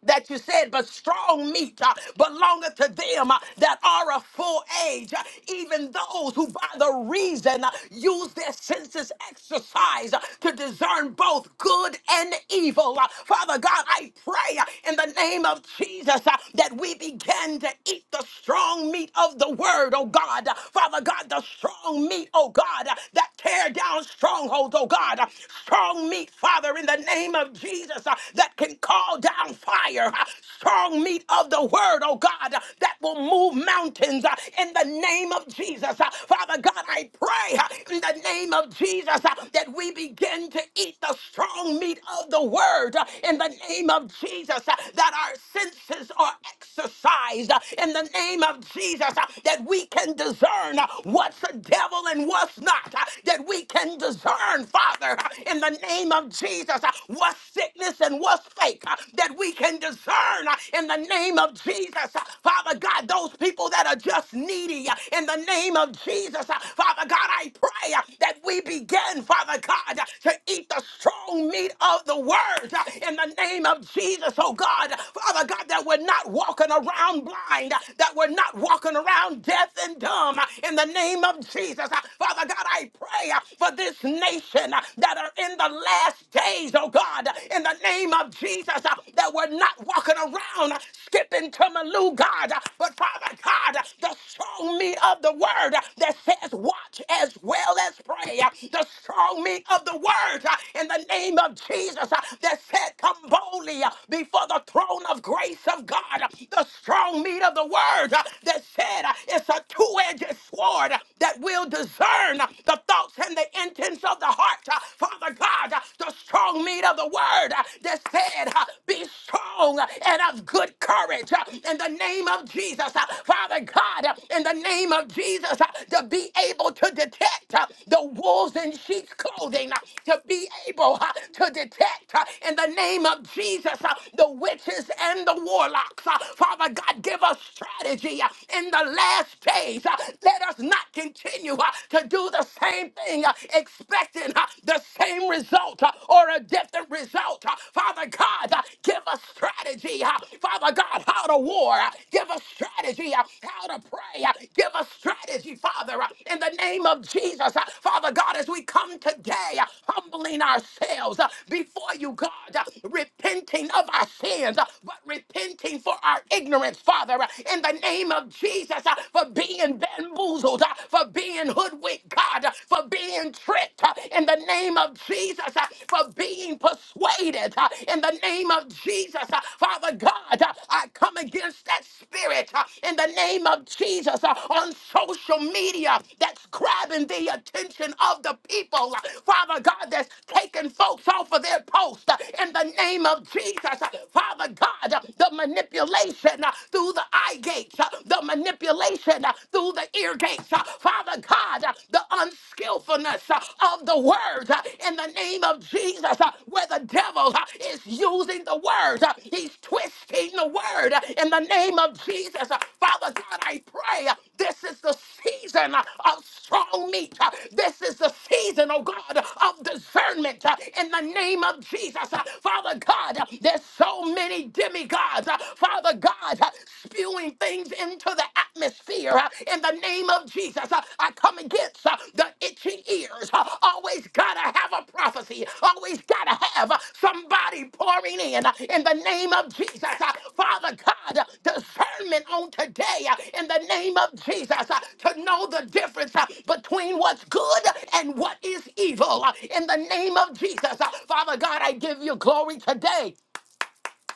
that you said, but strong meat uh, belongeth to them uh, that are of full age, uh, even those who by the reason uh, use their senses exercise uh, to discern both good and evil. Uh, Father God, I pray uh, in the name of Jesus uh, that we begin to eat the strong meat of the word, oh God. Uh, Father God, the strong meat, oh God, uh, that tear down strongholds, oh God. Uh, Strong meat, Father, in the name of Jesus. uh, uh, that can call down fire, uh, strong meat of the word, oh God, uh, that will move mountains uh, in the name of Jesus. Uh, Father God, I pray uh, in the name of Jesus uh, that we begin to eat the strong meat of the word uh, in the name of Jesus, uh, that our senses are exercised uh, in the name of Jesus, uh, that we can discern uh, what's the devil and what's not, uh, that we can discern, Father, uh, in the name of of Jesus uh, what's sickness and what's fake uh, that we can discern uh, in the name of Jesus. Uh, Father God, those people that are just needy uh, in the name of Jesus. uh, Father God, I pray uh, that we begin, Father God, uh, to eat the strong meat of the word uh, in the name of Jesus, oh God. Father God, that we're not walking around blind, uh, that we're not walking around deaf and dumb uh, in the name of Jesus. Uh, Father God, I pray uh, for this nation generation uh, that are in the last days, oh God, in the name of Jesus, uh, that we're not walking around uh, skipping to Malou, God, uh, but Father God, uh, the strong meat of the word uh, that says, watch as well as pray, uh, the strong meat of the word uh, in the name of Jesus uh, that said, come boldly uh, before the throne of grace of God, uh, the strong meat of the word uh, that said, uh, it's a two edged sword uh, that will discern uh, the thoughts and the intents of the heart. uh, Father God, uh, the strong meat of the word uh, that said, uh, Be strong uh, and of good courage uh, in the name of Jesus. Uh, Father God, uh, in the name of Jesus, uh, to be able to detect uh, the wolves in sheep's clothing, uh, to be able uh, to detect uh, in the name of Jesus uh, the witches and the warlocks. Uh, Father God, give us strategy uh, in the last days. Uh, Let us not continue uh, to do the same thing, uh, expecting uh, the same result uh, or a different result. uh. Father God, uh, give us strategy. uh, Father God, how to war. uh, Give us strategy uh, how to pray. uh, Give us strategy, Father, uh, in the name of Jesus. uh. Father God, as we come today, uh, humbling ourselves uh, before you, God, uh, repenting of our sins, uh, but repenting for our ignorance, Father, uh, in the name of Jesus. Jesus, uh, for being bamboozled, uh, for being hoodwinked, God, uh, for being tricked uh, in the name of Jesus, uh, for being persuaded uh, in the name of Jesus. uh, Father God, uh, I come against that spirit uh, in the name of Jesus uh, on social media that's grabbing the attention of the people. uh, Father God, that's taking folks off of their post uh, in the name of Jesus. uh, Father God, uh, the manipulation uh, through through the eye gates, uh, the manipulation uh, through the ear gates. uh, Father God, uh, the unskillfulness uh, of the word uh, in the name of Jesus, uh, where the devil uh, is using the word, uh, he's twisting the word uh, in the name of Jesus. Uh, Father God, I pray uh, this is the season uh, of strong meat. Uh, This is the season, oh God, of discernment uh, in the name of Jesus. Uh, Father God, uh, there's so many demigods gods, uh, Father God, uh, spewing things into the atmosphere uh, in the name of Jesus. Uh, I come against uh, the itching ears. Uh, Always gotta have a prophecy, always gotta have uh, somebody pouring in uh, in the name of Jesus. Uh, Father God, uh, discernment on today uh, in the name of Jesus uh, to know the difference uh, between what's good and what is evil uh, in the name of Jesus. Uh, Father God, I give you glory today.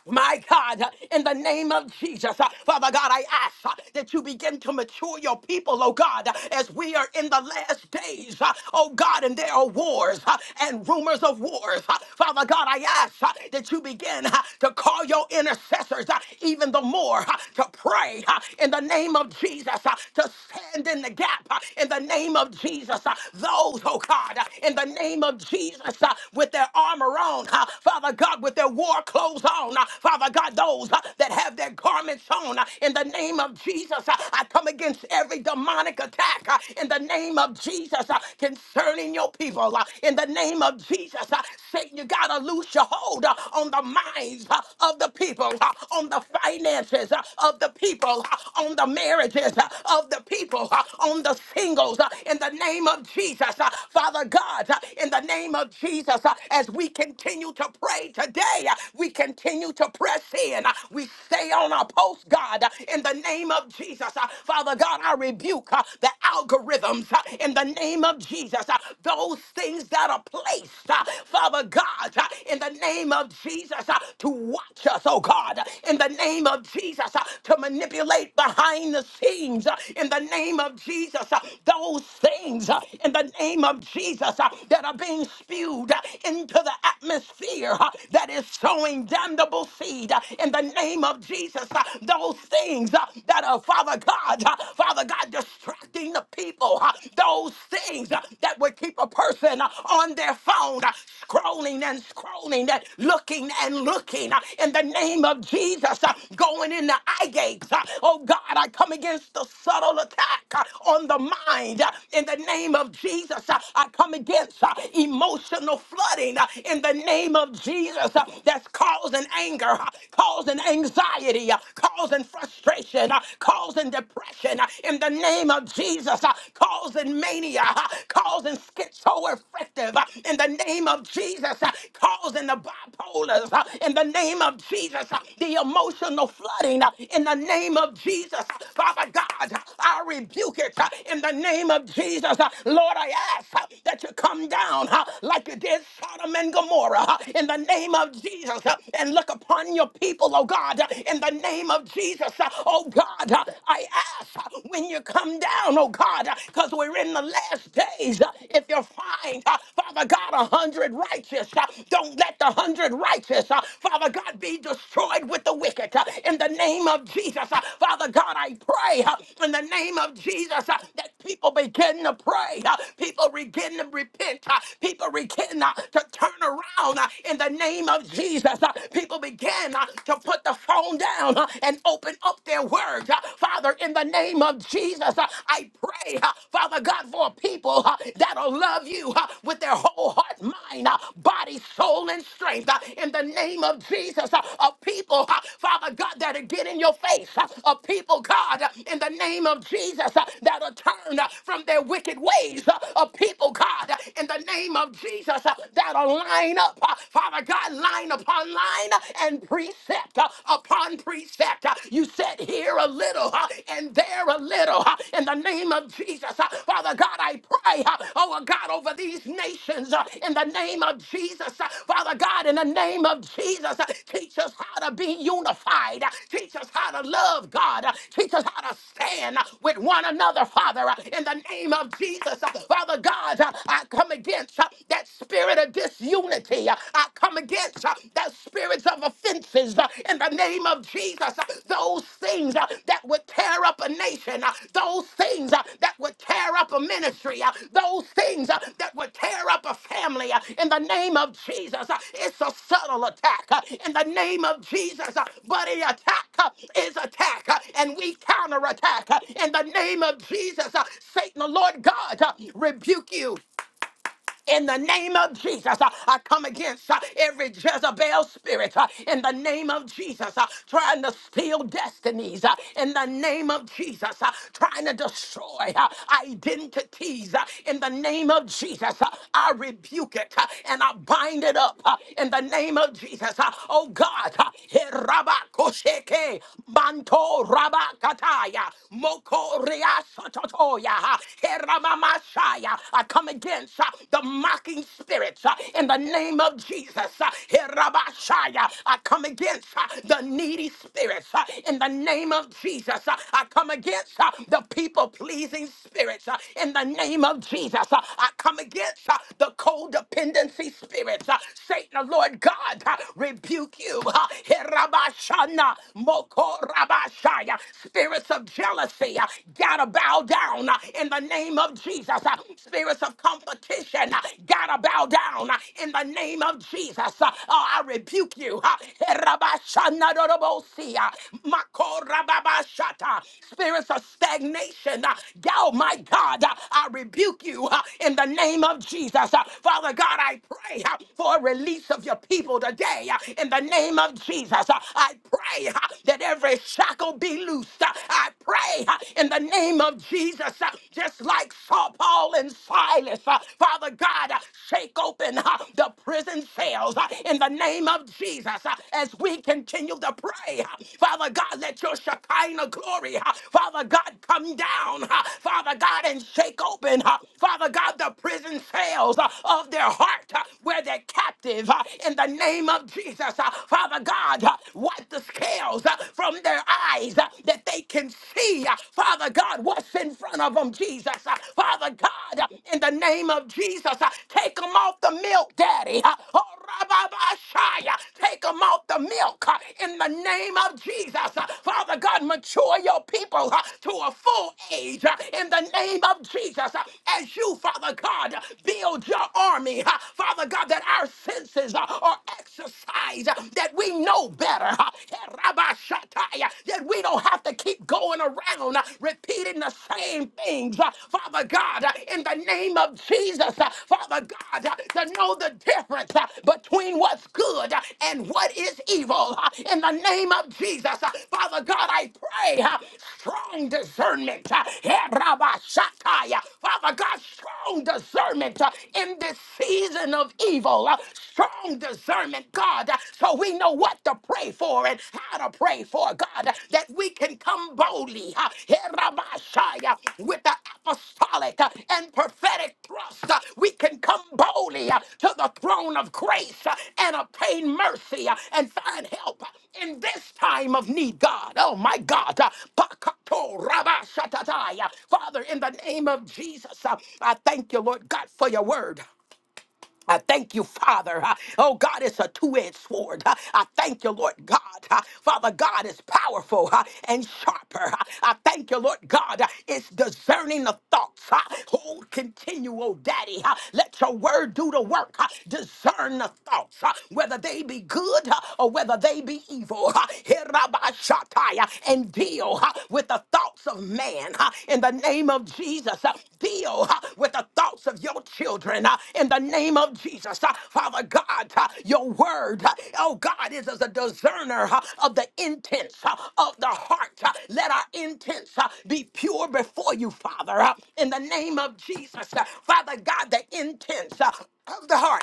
My God, uh, in the name of Jesus, uh, Father God, I ask uh, that you begin to mature your people, oh God, uh, as we are in the last days, uh, oh God, and there are wars uh, and rumors of wars. uh, Father God, I ask uh, that you begin uh, to call your intercessors uh, even the more uh, to pray uh, in the name of Jesus, uh, to stand in the gap uh, in the name of Jesus. uh, Those, oh God, uh, in the name of Jesus, uh, with their armor on, uh, Father God, with their war clothes goes on. Uh, Father God, those uh, that have their garments on uh, in the name of Jesus, uh, I come against every demonic attack uh, in the name of Jesus uh, concerning your people. uh, In the name of Jesus, uh, Satan, you got to loose your hold uh, on the minds uh, of the people, uh, on the finances uh, of the people, uh, on the marriages uh, of the people, uh, on the singles. uh, In the name of Jesus, uh, Father God, uh, in the name of Jesus, uh, as we continue to pray today way. We continue to press in. Uh, We stay on our post, God, uh, in the name of Jesus. Uh, Father God, I rebuke uh, the algorithms uh, in the name of Jesus. Uh, Those things that are placed, uh, Father God, uh, in the name of Jesus, uh, to watch us, oh God, uh, in the name of Jesus, uh, to manipulate behind the scenes, uh, in the name of Jesus, uh, those things, uh, in the name of Jesus, uh, that are being spewed uh, into the atmosphere. uh, uh, that is sowing damnable seed uh, in the name of Jesus. uh, Those things uh, that are, Father God, uh, Father God, distracting the people, uh, those things uh, that would keep a person uh, on their phone, uh, scrolling and scrolling and looking and looking uh, in the name of Jesus, uh, going in the eye gates. uh, Oh God, I come against the subtle attack uh, on the mind uh, in the name of Jesus. uh, I come against uh, emotional flooding uh, in the name name of Jesus uh, that's causing anger, uh, causing anxiety, uh, causing frustration, uh, causing depression, uh, in the name of Jesus, uh, causing mania, uh, causing schizoaffective, uh, in the name of Jesus, uh, causing the bipolars, uh, in the name of Jesus, uh, the emotional flooding, uh, in the name of Jesus, uh, Father God, uh, I rebuke it uh, in the name of Jesus, uh, Lord. I ask uh, that you come down uh, like you did Sodom Sodom and Gomorrah uh, in the name of Jesus uh, and look upon your people, oh God, uh, in the name of Jesus, uh, oh God. uh, I ask uh, when you come down, oh God, because we're in the last days. uh, If you find, uh, Father God, a hundred righteous, uh, don't let the hundred righteous, uh, Father God, be destroyed with the wicked. uh, In the name of Jesus, Uh, Father God, I pray uh, in the name of Jesus uh, that people begin to pray, uh, people begin to repent, uh, people begin began uh, to turn around uh, in the name of Jesus. Uh, People began uh, to put the phone down uh, and open up their words. Uh, Father, in the name of Jesus, uh, I pray, uh, Father God, for people uh, that'll love you uh, with their whole heart, mind, uh, body, soul, and strength. Uh, In the name of Jesus, uh, of people, uh, Father God, that'll get in your face. uh, Of people, God, uh, in the name of Jesus, uh, that'll turn uh, from their wicked ways. uh, Of people, God, uh, in the name of of Jesus uh, that'll line up, uh, Father God, line upon line uh, and precept uh, upon precept. Uh, You said here a little uh, and there a little uh, in the name of Jesus. Uh, Father God, I pray, uh, oh uh, God, over these nations uh, in the name of Jesus. Uh, Father God, in the name of Jesus, uh, teach us how to be unified. Uh, Teach us how to love God. Uh, Teach us how to stand uh, with one another, Father, uh, in the name of Jesus. Uh, Father God, uh, I come against come against uh, that spirit of disunity. Uh, I come against uh, that spirits of offenses uh, in the name of Jesus. Uh, Those things uh, that would tear up a nation, uh, those things uh, that would tear up a ministry, uh, those things uh, that would tear up a family uh, in the name of Jesus. Uh, It's a subtle attack uh, in the name of Jesus, uh, but an attack uh, is attack, uh, and we counterattack uh, in the name of Jesus. Uh, Satan, the Lord God, uh, rebuke you. In the name of Jesus, uh, I come against uh, every Jezebel spirit uh, in the name of Jesus, uh, trying to steal destinies uh, in the name of Jesus, uh, trying to destroy uh, identities uh, in the name of Jesus. uh, I rebuke it uh, and I bind it up uh, in the name of Jesus. uh, Oh God, uh, Herabakosheke, Manto Rabakataya, Moko Ria Sototoya, uh, he ramama I come against uh, the mocking spirits uh, in the name of Jesus. uh, Herabashaya. I come against uh, the needy spirits uh, in the name of Jesus. uh, I come against uh, the people pleasing spirits uh, in the name of Jesus. uh, I come against uh, the codependency spirits. uh, Satan, the Lord God, uh, rebuke you. uh, Herabashana, Mokorabashaya. Spirits of jealousy, uh, bow down uh, in the name of Jesus. Uh, Spirits of competition uh, gotta bow down uh, in the name of Jesus. Uh, Oh, I rebuke you. uh, Herabashanadorobosi, uh, Makorababashata. Spirits of stagnation. uh, Oh my God, uh, I rebuke you uh, in the name of Jesus. Uh, Father God, I pray uh, for a release of your people today uh, in the name of Jesus. Uh, I pray uh, that every shackle be loosed. uh, uh, I pray uh, in the name of Jesus, uh, just like Saul, Paul, and Silas, uh, Father God, uh, shake open uh, the prison cells uh, in the name of Jesus uh, as we continue to pray. uh, Father God, let your Shekinah glory, uh, Father God, come down, uh, Father God, and shake open, uh, Father God, the prison cells uh, of their heart uh, where they're captive uh, in the name of Jesus. uh, Father God, uh, wipe the scales scales uh, from their eyes uh, that they can see, uh, Father God, what's in front of them, Jesus. Uh, Father God, uh, in the name of Jesus, uh, take them off the milk, Daddy. Uh, oh, Rababashaya, Take them off the milk uh, in the name of Jesus. Uh, Father God, mature your people uh, to a full age uh, in the name of Jesus. Uh, As you, Father God, uh, build your army, uh, Father God, that our senses uh, are exercised uh, that we know better, huh? that we don't have to keep going around uh, repeating the same things. uh, Father God, uh, in the name of Jesus, uh, Father God, uh, to know the difference uh, between what's good uh, and what is evil. uh, In the name of Jesus, uh, Father God, I pray uh, strong discernment. uh, uh, Father God, strong discernment uh, in this season of evil. uh, strong discernment, God, uh, so we know what to pray for and how to pray for, God, uh, that we can come boldly uh, herabashaya, with the apostolic uh, and prophetic thrust. uh, We can come boldly uh, to the throne of grace uh, and obtain mercy uh, and find help in this time of need, God. Oh, my God. Uh, Pakato rabashatataya. Father, in the name of Jesus, uh, I thank you, Lord God, for your word. I thank you, Father. Uh, Oh, God, it's a two edged sword. Uh, I thank you, Lord God. Uh, Father, God is powerful uh, and sharper. Uh, I thank you, Lord God. Uh, It's discerning the thoughts. Uh, Oh, continue, oh, Daddy. Uh, Let your word do the work. Uh, Discern the thoughts, uh, whether they be good uh, or whether they be evil. Uh, Herabashatai, uh, And deal. uh, huh, with the thoughts of man huh, in the name of Jesus. huh. Deal huh, with the thoughts of your children huh, in the name of Jesus. huh. Father God, huh, your word, huh, oh God, is as a discerner huh, of the intents huh, of the heart. huh. Let our intents huh, be pure before you, Father, huh, in the name of Jesus. huh. Father God, the intents huh, of the heart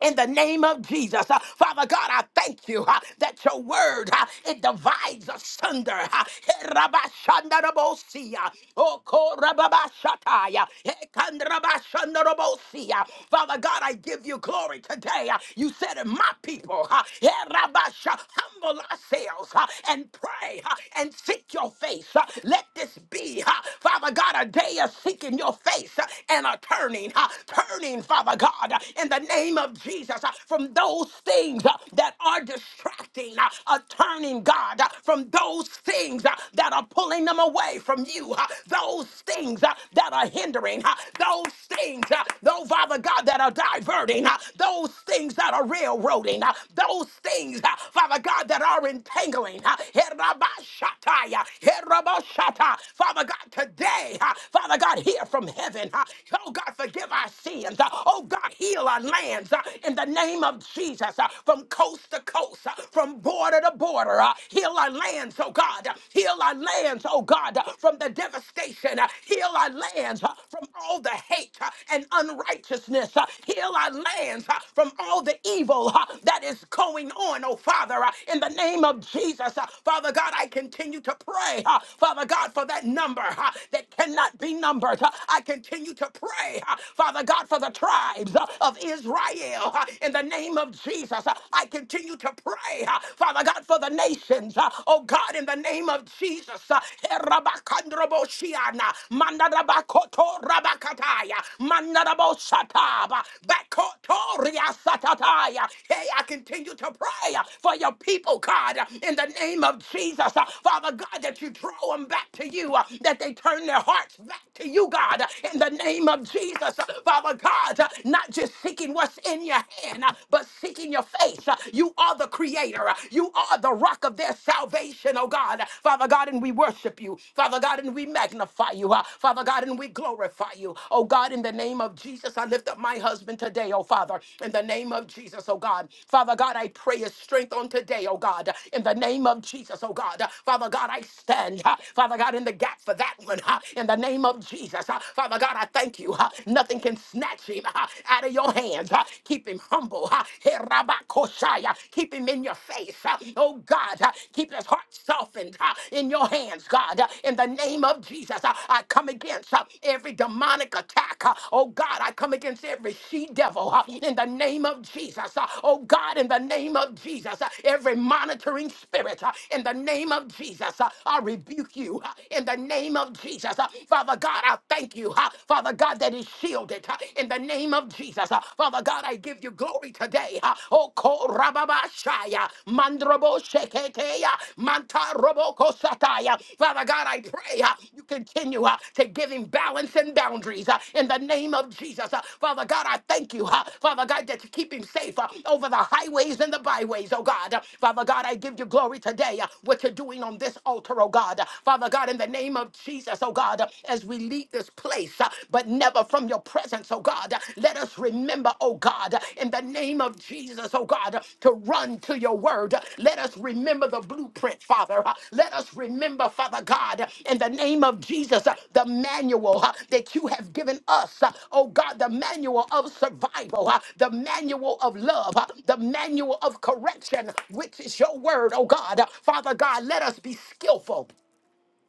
in the name of Jesus. Uh, Father God, I thank you uh, that your word, uh, it divides asunder. uh, Herabashandarabosia, Okorababashataya, Hekandrabashandarabosia. Father God, I give you glory today. Uh, You said in my people, uh, Herabasha, humble ourselves uh, and pray uh, and seek your face. Uh, Let this be, uh, Father God, a day of seeking your face uh, and a turning, uh, turning, Father God in the name of Jesus uh, from those things uh, that are distracting, uh, uh, turning God uh, from those things uh, that are pulling them away from you, uh, those things uh, that are hindering, uh, those things, uh, though, Father God, that are diverting, uh, those things that are railroading, uh, those things, uh, Father God, that are entangling. uh, Herabashataya, Herabashata. Father God, today, uh, Father God, hear from heaven. uh, Oh God, forgive our sins nations. Uh, Oh God, heal our lands uh, in the name of Jesus uh, from coast to coast, uh, from border to border. uh, Heal our lands, oh God. uh, Heal our lands, oh God, uh, from the devastation. uh, Heal our lands uh, from all the hate uh, and unrighteousness. uh, Heal our lands uh, from all the evil uh, that is going on, oh Father, uh, in the name of Jesus. uh, Father God, I continue to pray, uh, Father God, for that number uh, that cannot be numbered. uh, I continue to pray, uh, Father God, for the tribes uh, of Israel. uh, In the name of Jesus, uh, I continue to pray, uh, Father God, for the nations. uh, Oh God, in the name of Jesus. uh, Herabakandroboshiana, Mandarabakoto Rabakataya, Mandarabosataba, Bakotoria Satataya. Hey, I continue to pray uh, for your people, God, uh, in the name of Jesus. uh, Father God, that you draw them back to you, uh, that they turn their hearts back to you, God, uh, in the name of Jesus, Father God, uh, not just seeking what's in your hand, uh, but seeking your face. Uh, You are the creator, Uh, you are the rock of their salvation, oh God. Father God, and we worship you, Father God, and we magnify you, Uh, Father God, and we glorify you, oh God, in the name of Jesus. I lift up my husband today, oh Father, in the name of Jesus, oh God. Father God, I pray his strength on today, oh God, in the name of Jesus, oh God. Father God, I stand, uh, Father God, in the gap for that one, uh, in the name of Jesus. Uh, Father God, I thank you. uh, Nothing can snatch him uh, out of your hands. uh, Keep him humble. uh, Hey, Rabba Koshai, uh, Keep him in your face. uh, Oh God, uh, keep his heart softened uh, in your hands, God. Uh, In the name of Jesus, uh, I come against uh, every demonic attack. uh, Oh God, I come against every she devil uh, in the name of Jesus. uh, Oh God, in the name of Jesus, uh, every monitoring spirit uh, in the name of Jesus, uh, I rebuke you uh, in the name of Jesus. Jesus. Uh, Father God, I thank you. uh, Father God, that is shielded uh, in the name of Jesus. Uh, Father God, I give you glory today. uh, Oh, Korababashaya, Mandrobo Sheketeya, Mantarobo Kosataya. Father God, I pray uh, you continue uh, to give him balance and boundaries uh, in the name of Jesus. Uh, Father God, I thank you. uh, Father God, that you keep him safe uh, over the highways and the byways, oh God. Uh, Father God, I give you glory today. uh, What you're doing on this altar, oh God. Uh, Father God, in the name the name of Jesus, oh God, as we leave this place, uh, but never from your presence, oh God. Let us remember, oh God, in the name of Jesus, oh God, to run to your word. Let us remember the blueprint, Father. Uh, Let us remember, Father God, in the name of Jesus, uh, the manual uh, that you have given us, uh, oh God, the manual of survival, uh, the manual of love, uh, the manual of correction, which is your word, oh God. Father God, let us be skillful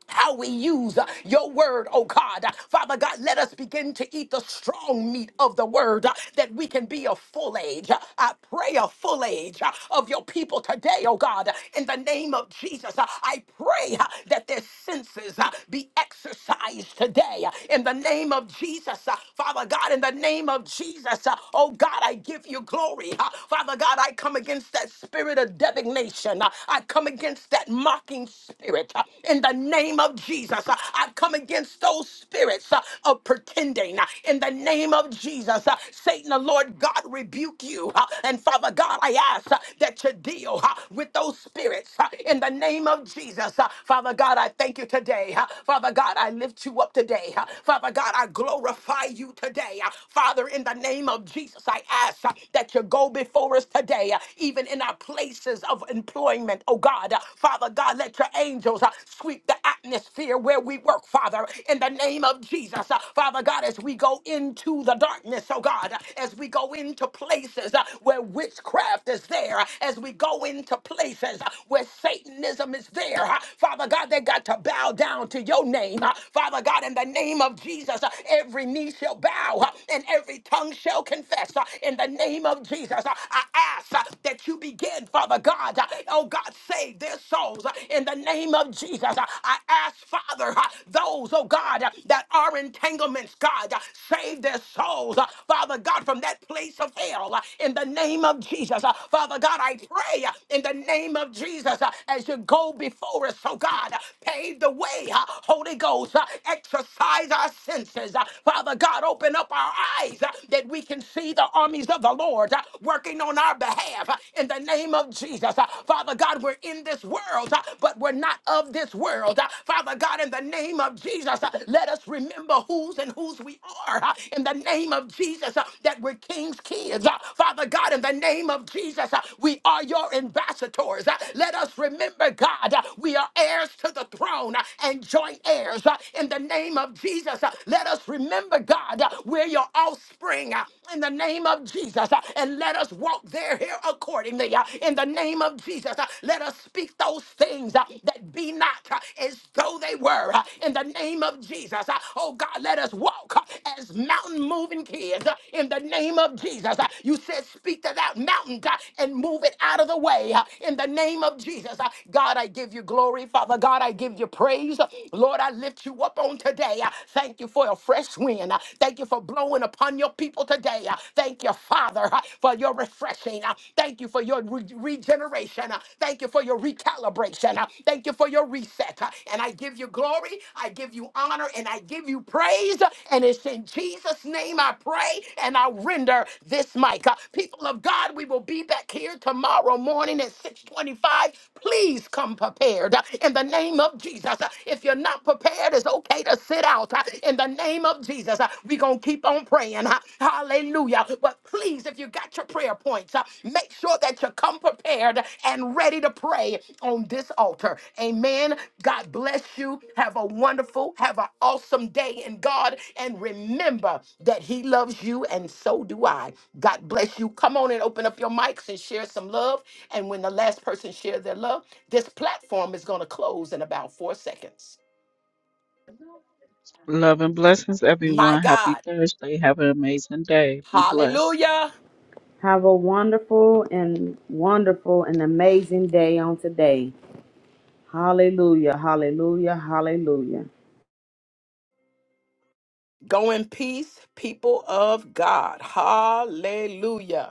how we use uh, your word, oh God. Uh, Father God, let us begin to eat the strong meat of the word uh, that we can be a full age. Uh, I pray a full age uh, of your people today, oh God. Uh, In the name of Jesus, uh, I pray uh, that their senses uh, be exercised today. Uh, In the name of Jesus, uh, Father God, in the name of Jesus, uh, oh God, I give you glory. Uh, Father God, I come against that spirit of divination. Uh, I come against that mocking blocking spirit uh, in the name of Jesus. Uh, I come against those spirits uh, of pretending uh, in the name of Jesus. Uh, Satan, the Lord God, rebuke you. uh, And Father God, I ask uh, that you deal uh, with those spirits uh, in the name of Jesus. Uh, Father God, I thank you today. uh, Father God, I lift you up today. uh, Father God, I glorify you today. uh, Father, in the name of Jesus, I ask uh, that you go before us today, uh, even in our places of employment employment, oh God. Uh, Father God, let your angels uh, sweep the atmosphere where we work, Father, in the name of Jesus. Uh, Father God, as we go into the darkness, oh God, uh, as we go into places uh, where witchcraft is there, uh, as we go into places uh, where Satanism is there, uh, Father God, they got to bow down to your name. uh, Father God, in the name of Jesus, uh, every knee shall bow uh, and every tongue shall confess uh, in the name of Jesus. uh, I ask uh, that that you begin, Father God, uh, oh God, save their souls uh, in the name of Jesus. Uh, I ask, Father, uh, those, oh God, uh, that are entanglements, God, uh, save their souls, uh, Father God, from that place of hell uh, in the name of Jesus. Uh, Father God, I pray uh, in the name of Jesus uh, as you go before us, oh God, uh, pave the way, uh, Holy Ghost, uh, exercise our senses. uh, Father God, open up our eyes uh, that we can see the armies of the Lord. Lord, uh, working on our behalf uh, in the name of Jesus. Uh, Father God, we're in this world, uh, but we're not of this world. Uh, Father God, in the name of Jesus, uh, let us remember whose and whose we are. uh, In the name of Jesus, uh, that we're king's kids. Uh, Father God, in the name of Jesus, uh, we are your ambassadors. Uh, Let us remember, God, uh, we are heirs to the throne uh, and joint heirs. Uh, In the name of Jesus, uh, let us remember, God, uh, we're your offspring thing uh, in the name of Jesus. uh, And let us walk there here accordingly. uh, In the name of Jesus, uh, let us speak those things uh, that be not uh, as though they were. uh, In the name of Jesus, uh, oh God, let us walk uh, as mountain moving kids. uh, In the name of Jesus, Uh, you said, speak to that mountain God, and move it out of the way. uh, In the name of Jesus, Uh, God, I give you glory. Father God, I give you praise. Lord, I lift you up on today. I Thank you for a fresh wind. uh, uh, Thank you for blowing upon your people today. Uh, Thank you, Father, uh, for your refreshing. Uh, Thank you for your re- regeneration. Uh, Thank you for your recalibration. Uh, Thank you for your reset. Uh, And I give you glory, I give you honor, and I give you praise. And it's in Jesus' name I pray and I render this mic. Uh, People of God, we will be back here tomorrow morning at 625. Please come prepared uh, in the name of Jesus. Uh, If you're not prepared, it's okay to sit out uh, in the name of Jesus. We're going to keep on praying. uh, Hallelujah. But please, if you got your prayer points, uh, make sure that you come prepared and ready to pray on this altar. Amen. God bless you. Have a wonderful, have an awesome day in God. And remember that He loves you, and so do I. God bless you. Come on and open up your mics and share some love. And when the last person shares their love, this platform is going to close in about four seconds. Love and blessings, My everyone. Happy God. Thursday. Have an amazing day. Be blessed. Hallelujah. Have a wonderful and wonderful and amazing day on today. Hallelujah, hallelujah, hallelujah. Go in peace, people of God. Hallelujah.